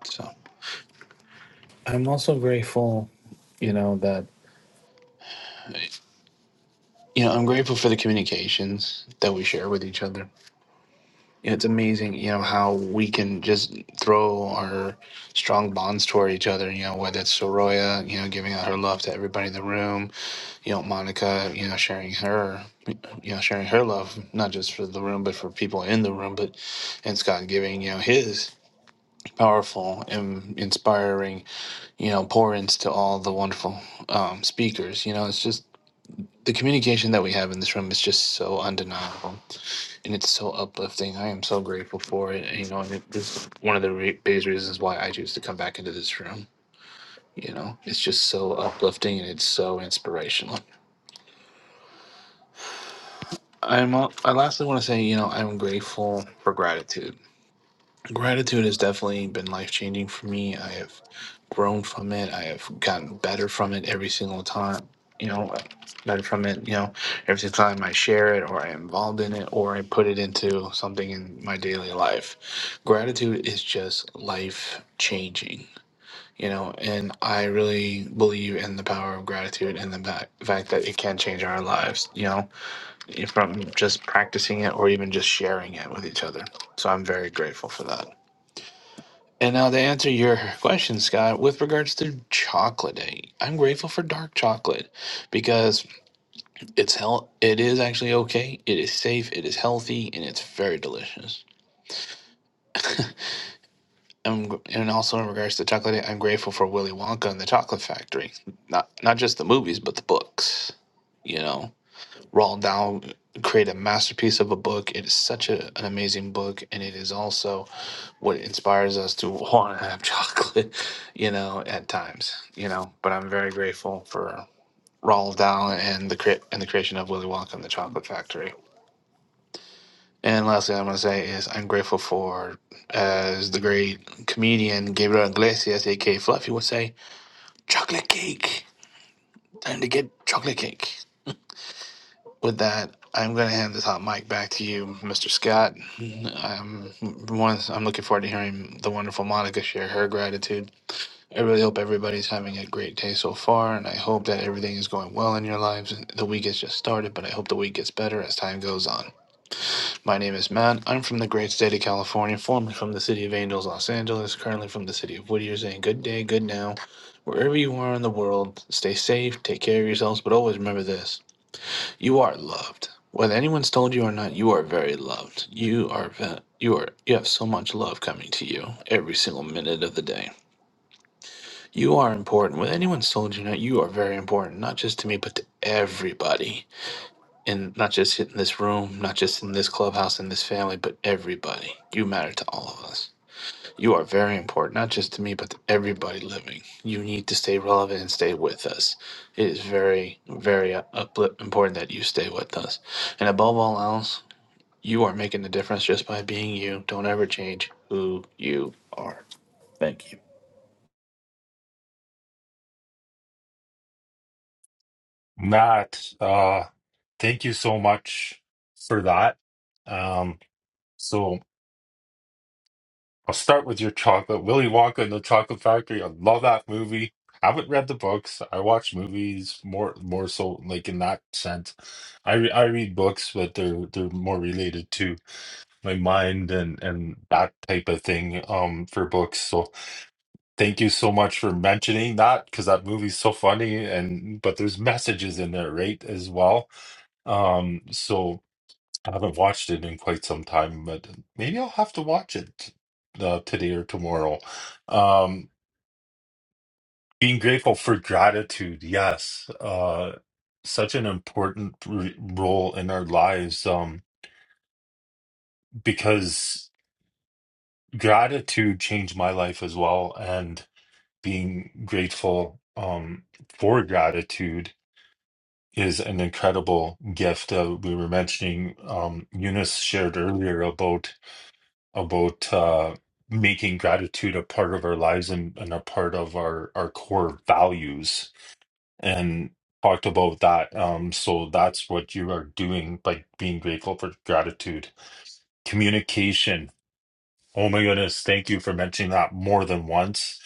Speaker 7: So I'm also grateful, you know, that, you know, I'm grateful for the communications that we share with each other It's amazing, you know, how we can just throw our strong bonds toward each other, you know, whether it's Soroya, you know, giving out her love to everybody in the room, you know, Monica, you know, sharing her, you know, sharing her love, not just for the room, but for people in the room, but and Scott giving, you know, his powerful and inspiring, you know, pour ins to all the wonderful um, speakers. You know, it's just the communication that we have in this room is just so undeniable and it's so uplifting. I am so grateful for it. And, you know, and it, this is one of the re- biggest reasons why I choose to come back into this room. You know, it's just so uplifting and it's so inspirational. I'm. al- I lastly want to say, you know, I'm grateful for gratitude. Gratitude has definitely been life changing for me. I have grown from it. I have gotten better from it every single time. You know, better from it. You know, every single time I share it or I'm involved in it or I put it into something in my daily life. Gratitude is just life changing. You know, and I really believe in the power of gratitude and the ba- fact that it can change our lives. You know, from just practicing it or even just sharing it with each other. So I'm very grateful for that. And now to answer your [laughs] question, Scott, with regards to chocolate, eh, I'm grateful for dark chocolate because it's hel- it is actually okay. It is safe, it is healthy, and it's very delicious. And, and also in regards to chocolate, I'm grateful for Willy Wonka and the Chocolate Factory. Not not just the movies, but the books. You know, Roald Dahl created a masterpiece of a book. It is such a, an amazing book, and it is also what inspires us to [laughs] want to have [laughs] chocolate, you know, at times, you know. But I'm very grateful for Roald Dahl and the cre- and the creation of Willy Wonka and the Chocolate Factory. And lastly, I'm going to say is I'm grateful for, as the great comedian Gabriel Iglesias, aka Fluffy, would say, chocolate cake. Time to get chocolate cake. With that, I'm going to hand this hot mic back to you, Mr. Scott. I'm, one, I'm looking forward to hearing the wonderful Monica share her gratitude I really hope everybody's having a great day so far, and I hope that everything is going well in your lives. The week has just started, but I hope the week gets better as time goes on. My name is Matt. I'm from the great state of California, formerly from the city of Angels, Los Angeles, currently from the city of Whittier, saying good day, good now. Wherever you are in the world, stay safe, take care of yourselves, but always remember this you are loved. Whether anyone's told you or not, you are very loved. You are, ve- you are, you have so much love coming to you every single minute of the day. You are important. When anyone's told you that, you are very important, not just to me, but to everybody. And not just in this room, not just in this clubhouse, in this family, but everybody. You matter to all of us. You are very important, not just to me, but to everybody living. You need to stay relevant and stay with us. It is very, very uh, upli- important that you stay with us. And above all else, you are making the difference just by being you. Don't ever change who you are. Thank you.
Speaker 1: Matt, uh, thank you so much for that. Um, so. I'll start with your chocolate. Willy Wonka and the Chocolate Factory. I love that movie. haven't read the books. I watch movies more more so like in that sense. I re I read books, but they're they're more related to my mind and and that type of thing um for books. So thank you so much for mentioning that because that movie's so funny and but there's messages in there, right, as well. Um, so. I haven't watched it in quite some time, but maybe I'll have to watch it uh, today or tomorrow. Um, being grateful for gratitude, yes, uh, such an important r role in our lives um, because gratitude changed my life as well, and being grateful um, for gratitude is an incredible gift. Uh, we were mentioning um, Eunice shared earlier about. about uh, making gratitude a part of our lives and, and a part of our, our core values and talked about that. Um, so that's what you are doing by being grateful for gratitude. Communication. Oh my goodness. Thank you for mentioning that more than once.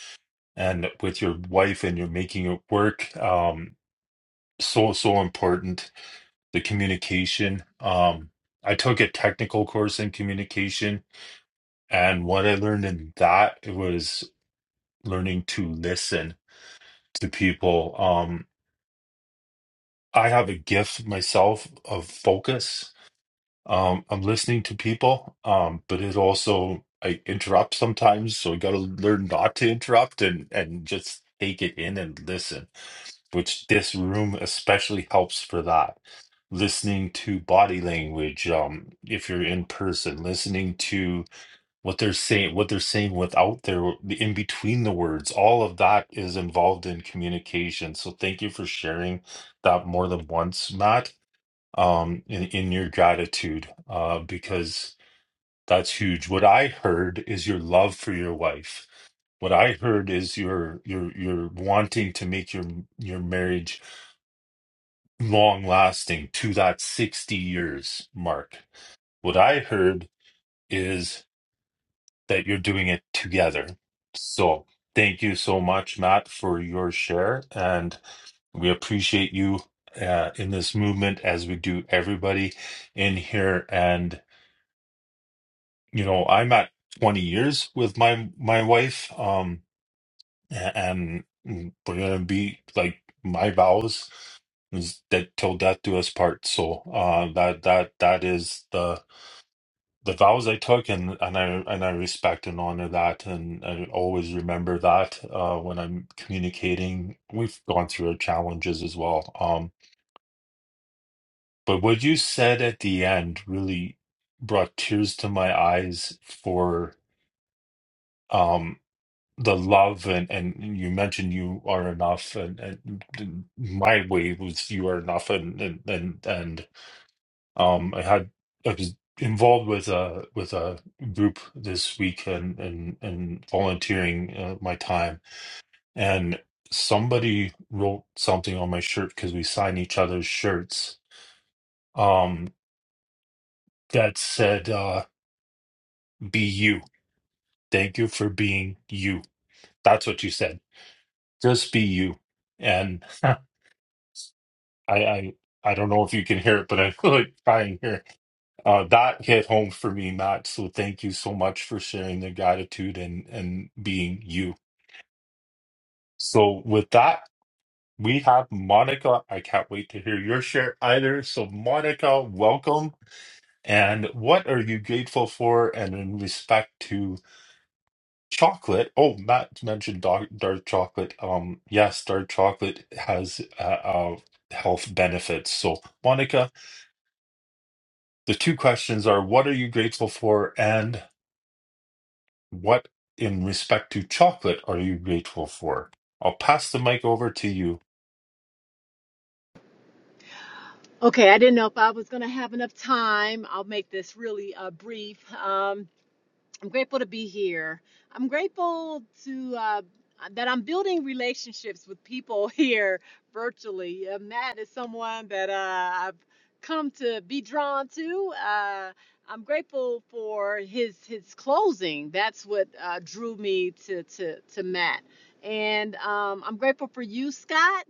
Speaker 1: And with your wife and you're making it work. Um, so, so important. The communication. Um, I took a technical course in communication and what I learned in that it was learning to listen to people. Um, I have a gift myself of focus. Um, I'm listening to people, um, but it also I interrupt sometimes, so I got to learn not to interrupt and and just take it in and listen. Which this room especially helps for that. Listening to body language, um, if you're in person, listening to what they're saying what they're saying without their in between the words all of that is involved in communication so thank you for sharing that more than once matt um in, in your gratitude uh because that's huge what i heard is your love for your wife what i heard is your your your wanting to make your your marriage long lasting to that 60 years mark what i heard is. that you're doing it together. So thank you so much, Matt, for your share. And we appreciate you uh, in this movement as we do everybody in here. And, you know, I'm at 20 years with my, my wife. Um, a- and we're going to be like my vows is that till death do us part. So, uh, that, that, that is the, the vows I took, and and I and I respect and honor that, and I always remember that uh, when I'm communicating. We've gone through challenges as well, um, but what you said at the end really brought tears to my eyes for um, the love, and and you mentioned you are enough, and, and my way was you are enough, and and and and Um, I had I was involved with a with a group this week and and and volunteering uh, my time, and somebody wrote something on my shirt because we sign each other's shirts. Um, that said, uh, "Be you." Thank you for being you. That's what you said. Just be you. And [laughs] I I I don't know if you can hear it, but I'm [laughs] like crying here. Uh, that hit home for me, Matt. So thank you so much for sharing the gratitude and and being you. So with that, we have Monica. I can't wait to hear your share either. So Monica, welcome. And what are you grateful for? And in respect to chocolate, oh, Matt mentioned dark, dark chocolate. Um, yes, dark chocolate has uh, uh, health benefits. So Monica, the two questions are: What are you grateful for? And What, in respect to chocolate, are you grateful for? I'll pass the mic over to you.
Speaker 8: Okay, I didn't know if I was going to have enough time. I'll make this really uh, brief. Um, I'm grateful to be here. I'm grateful to uh, that I'm building relationships with people [laughs] here virtually. Uh, Matt is someone that uh, I've come to be drawn to. Uh, I'm grateful for his his closing. That's what uh, drew me to to to Matt, and um, I'm grateful for you, Scott,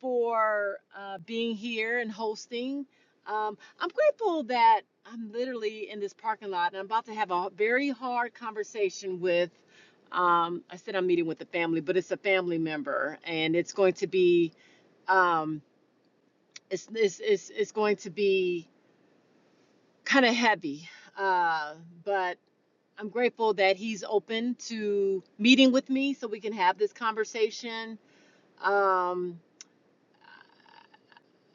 Speaker 8: for uh, being here and hosting. Um, I'm grateful that I'm literally in this parking lot and I'm about to have a very hard conversation with. Um, I said I'm meeting with the family, but it's a family member, and it's going to be um, it's, it's it's it's going to be kind of heavy. Uh, but I'm grateful that he's open to meeting with me so we can have this conversation. Um,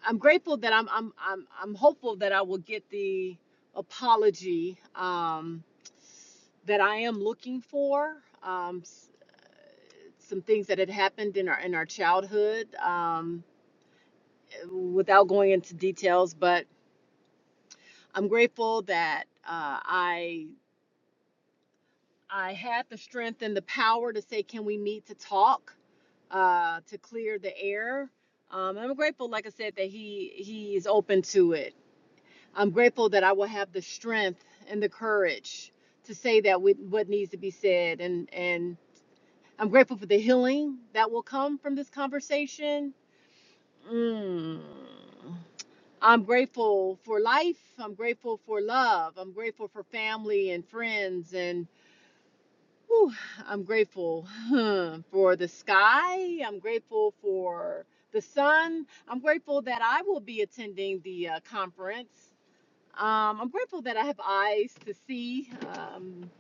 Speaker 8: I'm grateful that I'm I'm I'm I'm hopeful that I will get the apology. Um, that I am looking for. Um, s- some things that had happened in our in our childhood, um, without going into details, but I'm grateful that uh, I I had the strength and the power to say, "Can we meet to talk?" Uh, to clear the air. Um, I'm grateful, like I said, that he he is open to it. I'm grateful that I will have the strength and the courage to say that with what needs to be said and and I'm grateful for the healing that will come from this conversation. Mm. I'm grateful for life. I'm grateful for love. I'm grateful for family and friends. And whew, I'm grateful huh, for the sky. I'm grateful for the sun. I'm grateful that I will be attending the uh, conference. Um, I'm grateful that I have eyes to see. Um,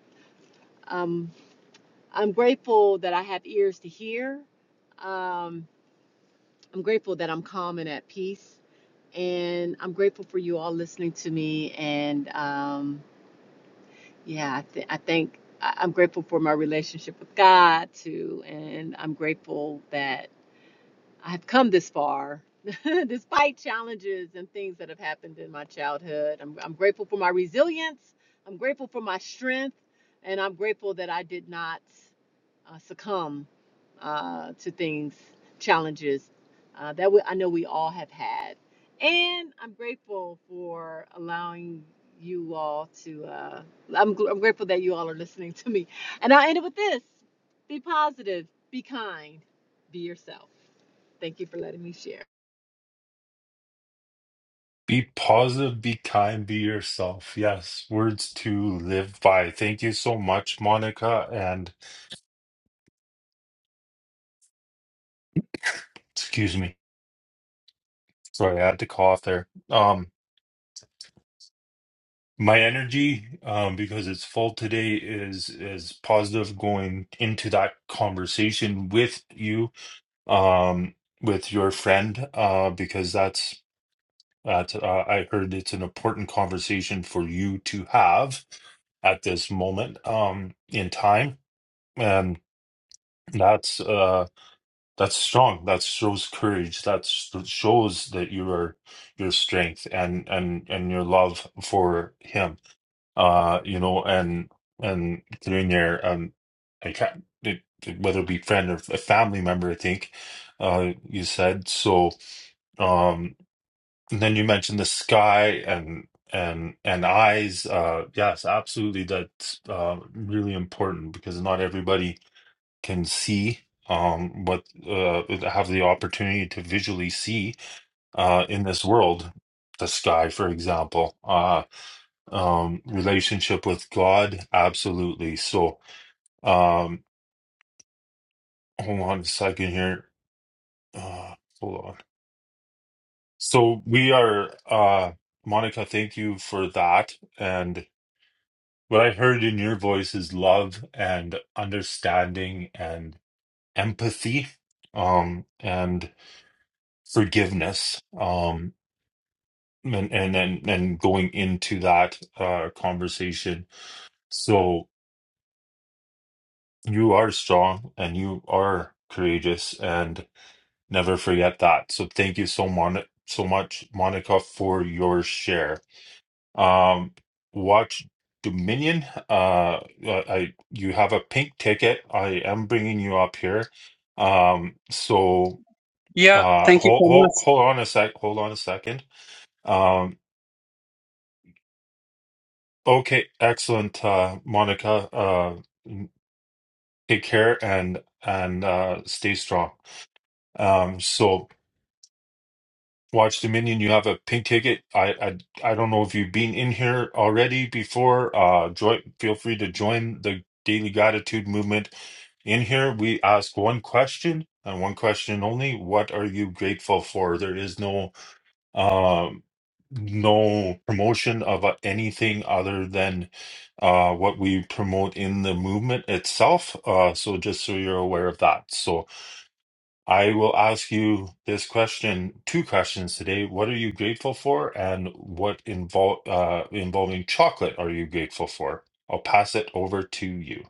Speaker 8: um, I'm grateful that I have ears to hear. Um, I'm grateful that I'm calm and at peace. And I'm grateful for you all listening to me. And um, yeah, I, th- I think I- I'm grateful for my relationship with God too. And I'm grateful that I've come this far. [laughs] Despite challenges and things that have happened in my childhood, I'm, I'm grateful for my resilience. I'm grateful for my strength. And I'm grateful that I did not uh, succumb uh, to things, challenges uh, that we, I know we all have had. And I'm grateful for allowing you all to, uh, I'm, gl- I'm grateful that you all are listening to me. And I'll end it with this be positive, be kind, be yourself. Thank you for letting me share.
Speaker 1: Be positive, be kind, be yourself. Yes, words to live by. Thank you so much, Monica. And excuse me, sorry, I had to cough there. Um, my energy, um, because it's full today, is is positive going into that conversation with you, um, with your friend, uh, because that's That uh, I heard it's an important conversation for you to have at this moment um, in time, and that's uh, that's strong. That shows courage. That sh- shows that you are your strength and and and your love for him. Uh, you know, and and through there, um, I can't it, it- whether it be friend or a family member. I think uh, you said so. Um, and then you mentioned the sky and and and eyes. Uh, yes, absolutely. That's uh, really important because not everybody can see um what uh uh, have the opportunity to visually see uh in this world. The sky, for example, uh, um, relationship with God, absolutely. So, um, hold on a second here. Uh, hold on. So we are, uh, Monica. Thank you for that, and What I heard in your voice is love and understanding and empathy, um, and forgiveness, um, and and and, and going into that uh, conversation. So you are strong and you are courageous, and never forget that. So thank you so mon so much, Monica, for your share. Um, watch Dominion. Uh, uh, I you have a pink ticket. I am bringing you up here. Um, so
Speaker 9: Yeah,
Speaker 1: uh,
Speaker 9: thank you
Speaker 1: hold
Speaker 9: so much.
Speaker 1: hold hold on a sec. Hold on a second. Um, okay, excellent, uh, Monica. Uh, take care and and uh, stay strong. Um, so. Watch Dominion, you have a pink ticket. I, I I don't know if you've been in here already before. Uh, join. Feel free to join the Daily Gratitude Movement. In here, we ask one question and one question only. What are you grateful for? There is no um no promotion of uh, anything other than uh what we promote in the movement itself. Uh, so just so you're aware of that. So I will ask you this question, two questions today. What are you grateful for, and what invol uh, involving chocolate are you grateful for? I'll pass it over to you.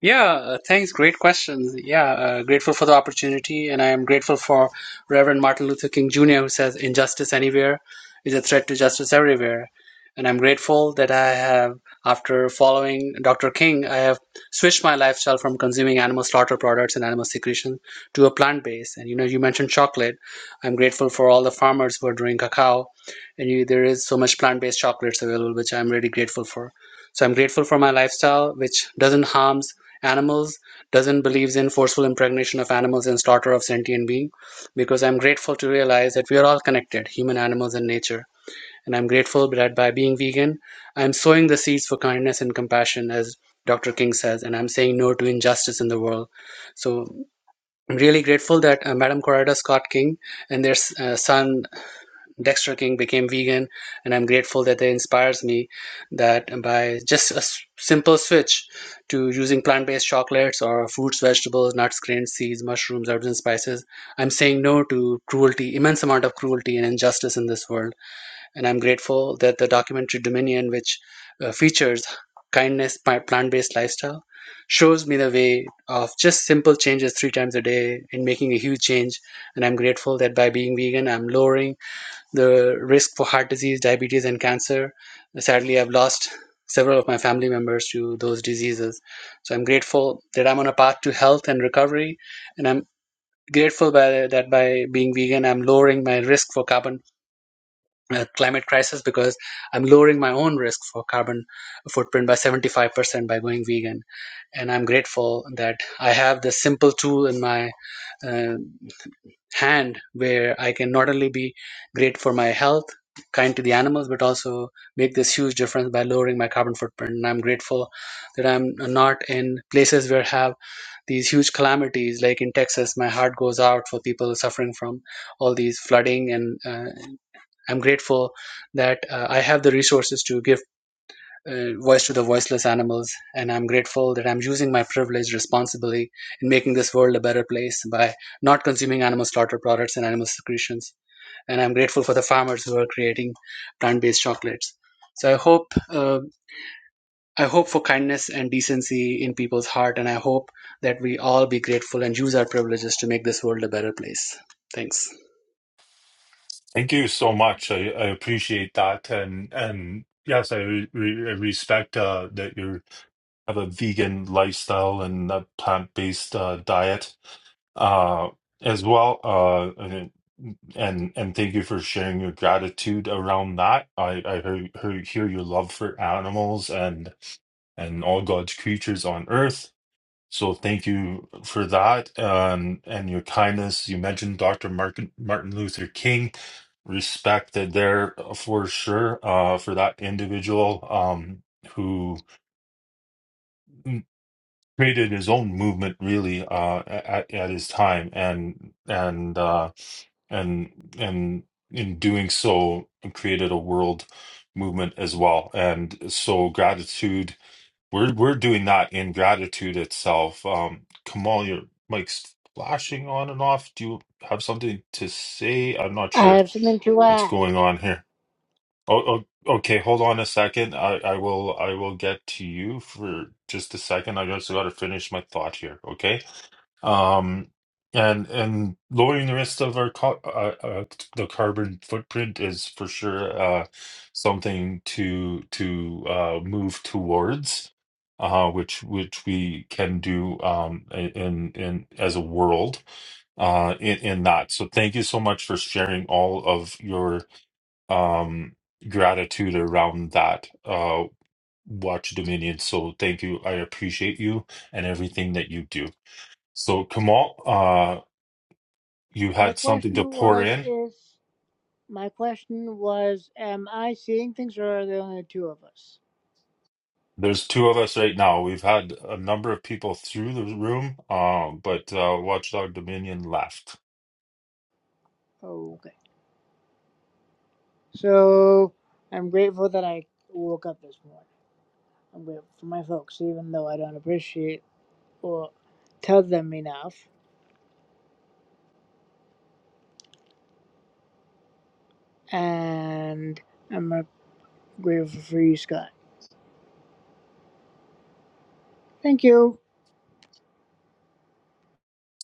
Speaker 9: Yeah, uh, thanks. Great questions. Yeah, uh, grateful for the opportunity, and I am grateful for Reverend Martin Luther King Jr., who says, Injustice anywhere is a threat to justice everywhere. And I'm grateful that I have, after following Dr. King, I have switched my lifestyle from consuming animal slaughter products and animal secretion to a plant based. And you know, you mentioned chocolate. I'm grateful for all the farmers who are doing cacao, and you, there is so much plant based chocolates available, which I'm really grateful for. So I'm grateful for my lifestyle, which doesn't harms animals, doesn't believes in forceful impregnation of animals and slaughter of sentient being, because I'm grateful to realize that we are all connected, human, animals, and nature. And I'm grateful that by being vegan, I'm sowing the seeds for kindness and compassion, as Dr. King says, and I'm saying no to injustice in the world. So I'm really grateful that uh, Madam Coretta Scott King and their uh, son Dexter King became vegan, and I'm grateful that it inspires me that by just a s- simple switch to using plant-based chocolates or fruits, vegetables, nuts, grains, seeds, mushrooms, herbs, and spices, I'm saying no to cruelty, immense amount of cruelty and injustice in this world. And I'm grateful that the documentary Dominion, which uh, features kindness by plant-based lifestyle, shows me the way of just simple changes three times a day in making a huge change. And I'm grateful that by being vegan, I'm lowering the risk for heart disease, diabetes, and cancer. Sadly, I've lost several of my family members to those diseases. So I'm grateful that I'm on a path to health and recovery, and I'm grateful by that by being vegan, I'm lowering my risk for carbon. Uh, climate crisis because I'm lowering my own risk for carbon footprint by 75% by going vegan, and I'm grateful that I have this simple tool in my uh, hand where I can not only be great for my health, kind to the animals, but also make this huge difference by lowering my carbon footprint. And I'm grateful that I'm not in places where have these huge calamities, like in Texas. My heart goes out for people suffering from all these flooding, and uh, I'm grateful that uh, I have the resources to give uh, voice to the voiceless animals. And I'm grateful that I'm using my privilege responsibly in making this world a better place by not consuming animal slaughter products and animal secretions. And I'm grateful for the farmers who are creating plant-based chocolates. So I hope uh, I hope for kindness and decency in people's heart, and I hope that we all be grateful and use our privileges to make this world a better place. Thanks.
Speaker 1: Thank you so much. I, I appreciate that, and and yes, I, re re- I respect uh, that you have a vegan lifestyle and a plant-based uh, diet. uh, as well. Uh, and and and thank you for sharing your gratitude around that. I I hear, hear hear your love for animals and and all God's creatures on earth. So thank you for that um, and your kindness. You mentioned Dr. Martin Martin Luther King. Respect that there uh, for sure uh, for that individual um, who created his own movement really uh, at, at his time and and. Uh, and and in doing so created a world movement as well and so gratitude we're we're doing that in gratitude itself um Kamal your mic's flashing on and off do you have something to say I'm not
Speaker 10: I
Speaker 1: sure
Speaker 10: have something to
Speaker 1: what's
Speaker 10: add.
Speaker 1: going on here oh, oh okay hold on a second I I will I will get to you for just a second I just gotta finish my thought here okay um, and and lowering the rest of our co- uh, uh, the carbon footprint is for sure uh, something to to uh, move towards, uh, which which we can do um, in in as a world uh, in in that. So thank you so much for sharing all of your um, gratitude around that. Uh, Watch Dominion. So thank you. I appreciate you and everything that you do. So Kamal, uh, you
Speaker 10: My
Speaker 1: had something to
Speaker 10: question
Speaker 1: pour
Speaker 10: was
Speaker 1: in.
Speaker 10: if my question was, am I seeing things or are there only two of us?
Speaker 1: There's two of us right now. We've had a number of people through the room, um, but uh, Watchdog Dominion left.
Speaker 10: Okay. So I'm grateful that I woke up this morning. I'm grateful for my folks, even though I don't appreciate or tell them enough. And I'm uh, grateful for you, Scott. Thank you.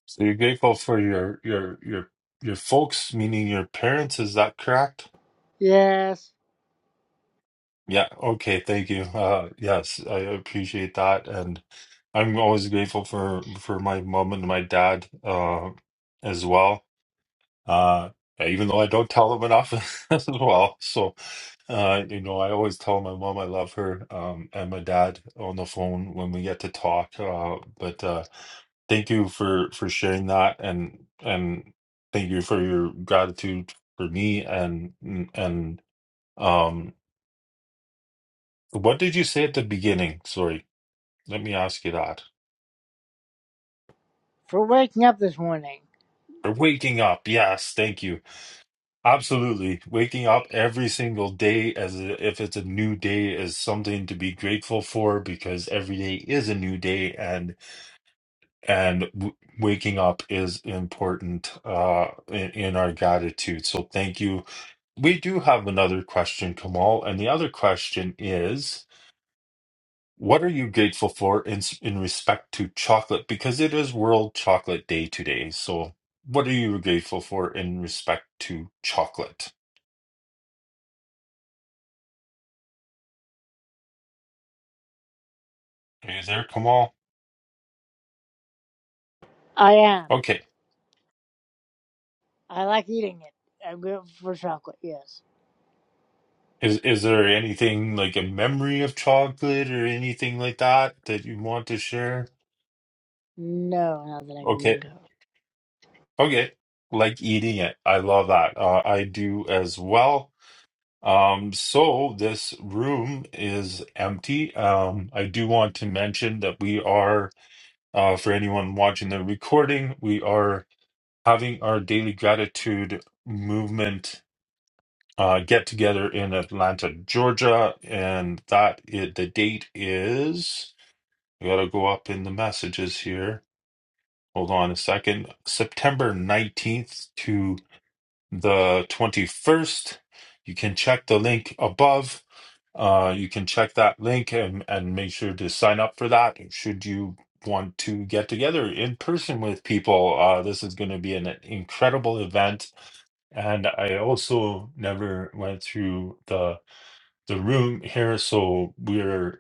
Speaker 1: So you're grateful for your your your your folks, meaning your parents. Is that correct?
Speaker 10: Yes.
Speaker 1: Yeah. Okay. Thank you. Uh, yes, I appreciate that, and I'm always grateful for for my mom and my dad uh, as well. uh, even though I don't tell them enough [laughs] as well. So, uh, you know, I always tell my mom I love her, um, and my dad on the phone when we get to talk. Uh, but uh, thank you for for sharing that, and and thank you for your gratitude for me. And and um, what did you say at the beginning? Sorry, let me ask you that.
Speaker 10: For waking up this morning.
Speaker 1: Or waking up, yes, thank you. Absolutely. Waking up every single day as a, if it's a new day is something to be grateful for because every day is a new day and and w waking up is important uh in, in our gratitude. So thank you. We do have another question, Kamal, and the other question is what are you grateful for in s- in respect to chocolate because it is World Chocolate Day today. So what are you grateful for in respect to chocolate? Are you there, Kamal?
Speaker 10: I am.
Speaker 1: Okay.
Speaker 10: I like eating it. I'm grateful for chocolate, yes.
Speaker 1: Is is there anything like a memory of chocolate or anything like that that you want to share?
Speaker 10: No, not that I can
Speaker 1: Okay.
Speaker 10: think of.
Speaker 1: Okay. Like eating it. I love that. Uh, I do as well. Um, so this room is empty. Um, I do want to mention that we are, uh, for anyone watching the recording, we are having our daily gratitude movement uh, get together in Atlanta, Georgia, and that i- the date is. I gotta go up in the messages here. Hold on a second. September 19th to the 21st. You can check the link above. Uh, you can check that link and, and make sure to sign up for that. Should you want to get together in person with people, uh, this is going to be an incredible event. And I also never went through the the room here, so we're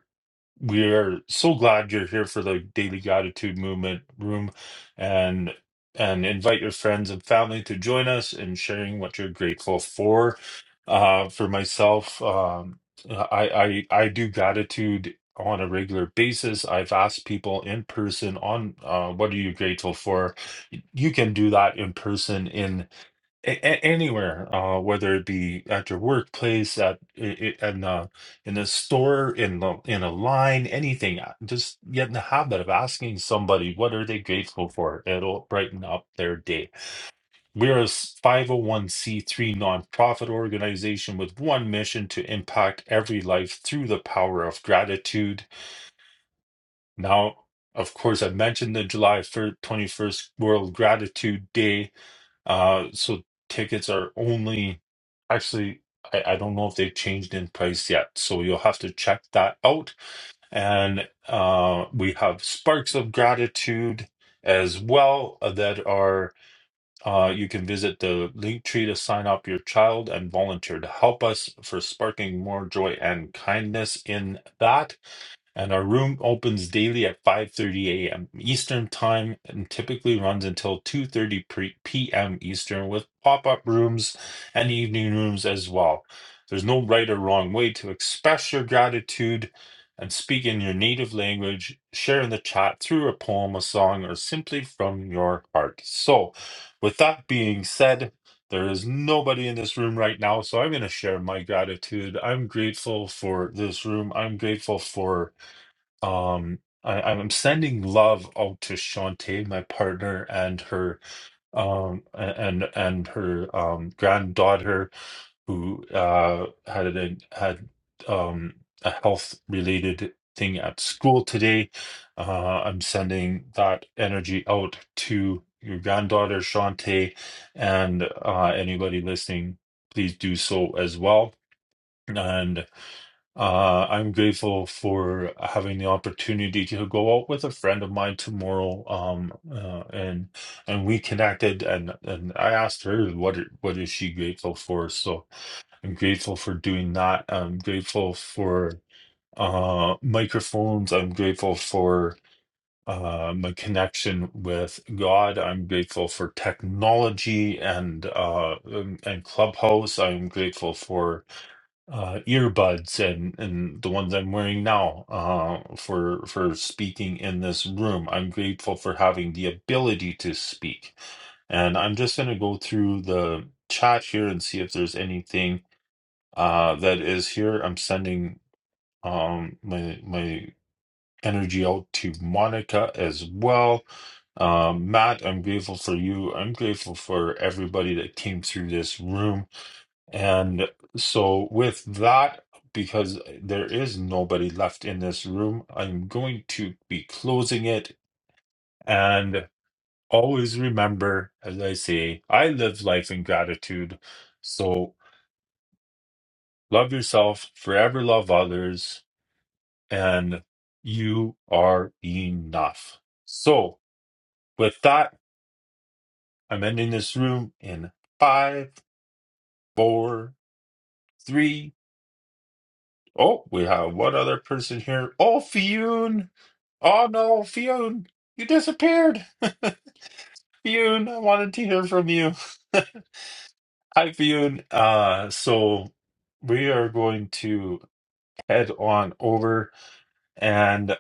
Speaker 1: we are so glad you're here for the Daily Gratitude Movement room and and invite your friends and family to join us in sharing what you're grateful for. Uh, for myself, um, I, I I do gratitude on a regular basis. I've asked people in person on uh, what are you grateful for. You can do that in person a- a- anywhere, uh, whether it be at your workplace, at i- i- in a in a store, in the in a line, anything. uh, Just get in the habit of asking somebody what are they grateful for. It'll brighten up their day. We're a five hundred one c three nonprofit organization with one mission to impact every life through the power of gratitude. Now, of course, I mentioned the July twenty first World Gratitude Day uh, so tickets are only actually, I, I don't know if they've changed in price yet. So you'll have to check that out. And uh, we have Sparks of Gratitude as well uh, that are uh, you can visit the link tree to sign up your child and volunteer to help us for sparking more joy and kindness in that and our room opens daily at 5:30 a.m. Eastern time and typically runs until 2:30 p.m. Eastern with pop-up rooms and evening rooms as well. There's no right or wrong way to express your gratitude and speak in your native language, share in the chat through a poem, a song, or simply from your heart. So, with that being said, there is nobody in this room right now, so I'm going to share my gratitude. I'm grateful for this room. I'm grateful for um, I, I'm sending love out to Shantae, my partner, and her um and and her um granddaughter who uh had a had um a health related thing at school today. Uh, I'm sending that energy out to your granddaughter Shantae and uh anybody listening, please do so as well. and. Uh, I'm grateful for having the opportunity to go out with a friend of mine tomorrow. Um, uh, and and we connected, and and I asked her what it- what is she grateful for. So I'm grateful for doing that. I'm grateful for uh microphones. I'm grateful for uh my connection with God. I'm grateful for technology and uh and and Clubhouse. I'm grateful for uh, earbuds and and the ones I'm wearing now uh, for for speaking in this room. I'm grateful for having the ability to speak, and I'm just going to go through the chat here and see if there's anything uh, that is here. I'm sending um, my my energy out to Monica as well. Um, Matt, I'm grateful for you. I'm grateful for everybody that came through this room. And so, with that, because there is nobody left in this room, I'm going to be closing it. And always remember, as I say, I live life in gratitude. So, love yourself, forever love others, and you are enough. So, with that, I'm ending this room in five, four, three, Oh, we have one other person here. Oh, Fionn. Oh no, Fionn, you disappeared. [laughs] Fionn, I wanted to hear from you. [laughs] Hi, Fionn. Uh, so we are going to head on over, and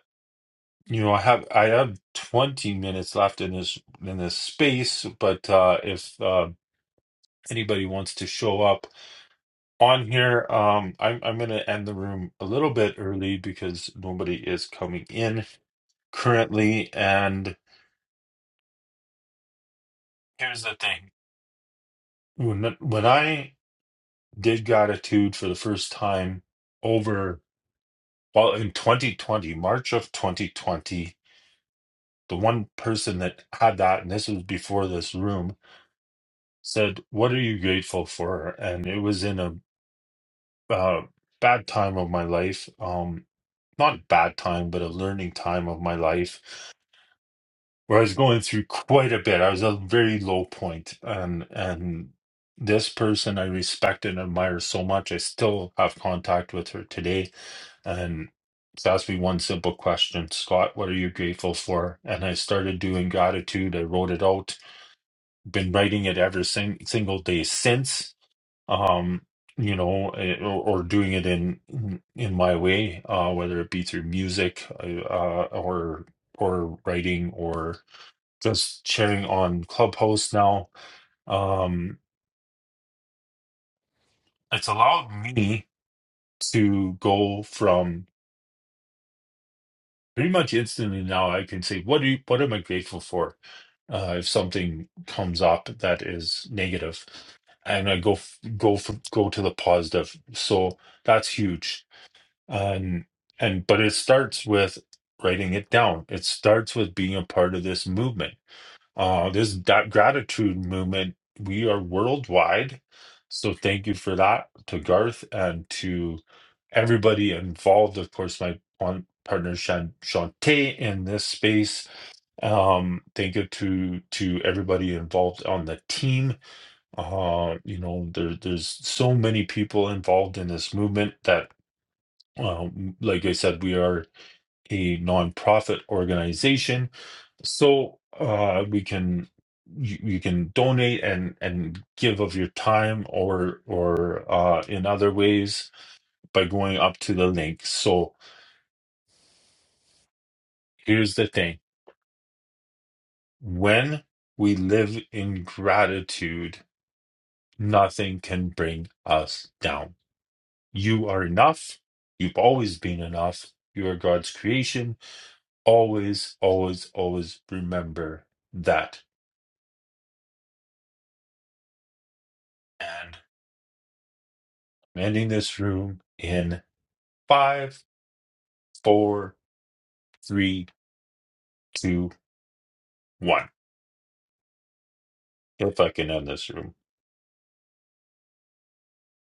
Speaker 1: you know, I have I have twenty minutes left in this in this space, but uh, if uh, anybody wants to show up on here, um, I'm I'm going to end the room a little bit early because nobody is coming in currently. And here's the thing: when when I did gratitude for the first time over well in 2020, March of 2020, the one person that had that, and this was before this room, said, "What are you grateful for?" And it was in a uh, bad time of my life. Um, not bad time, but a learning time of my life. where I was going through quite a bit. I was at a very low point, and and this person I respect and admire so much. I still have contact with her today, and she asked me one simple question, Scott, what are you grateful for? And I started doing gratitude. I wrote it out. Been writing it every sing- single day since. Um, you know, eh, or, or doing it in in my way, uh, whether it be through music, uh, uh, or or writing, or just sharing on Clubhouse now. Um, it's allowed me to go from pretty much instantly now. I can say, "What do you, what am I grateful for?" Uh, if something comes up that is negative, and I go f- go for, go to the positive, so that's huge. And and but it starts with writing it down. It starts with being a part of this movement Uh, this da- gratitude movement, we are worldwide. So thank you for that to Garth and to everybody involved. Of course, my pon- partner Shan- Shantae in this space. Um, thank you to to everybody involved on the team. Uh, you know, there, there's so many people involved in this movement that, um, like I said, we are a nonprofit organization so uh, we can you, you can donate and and give of your time or or uh, in other ways by going up to the link. So here's the thing: when we live in gratitude, nothing can bring us down. You are enough. You've always been enough. You are God's creation. Always, always, always remember that. And I'm ending this room in five four, three, two, one. We're fucking in this room.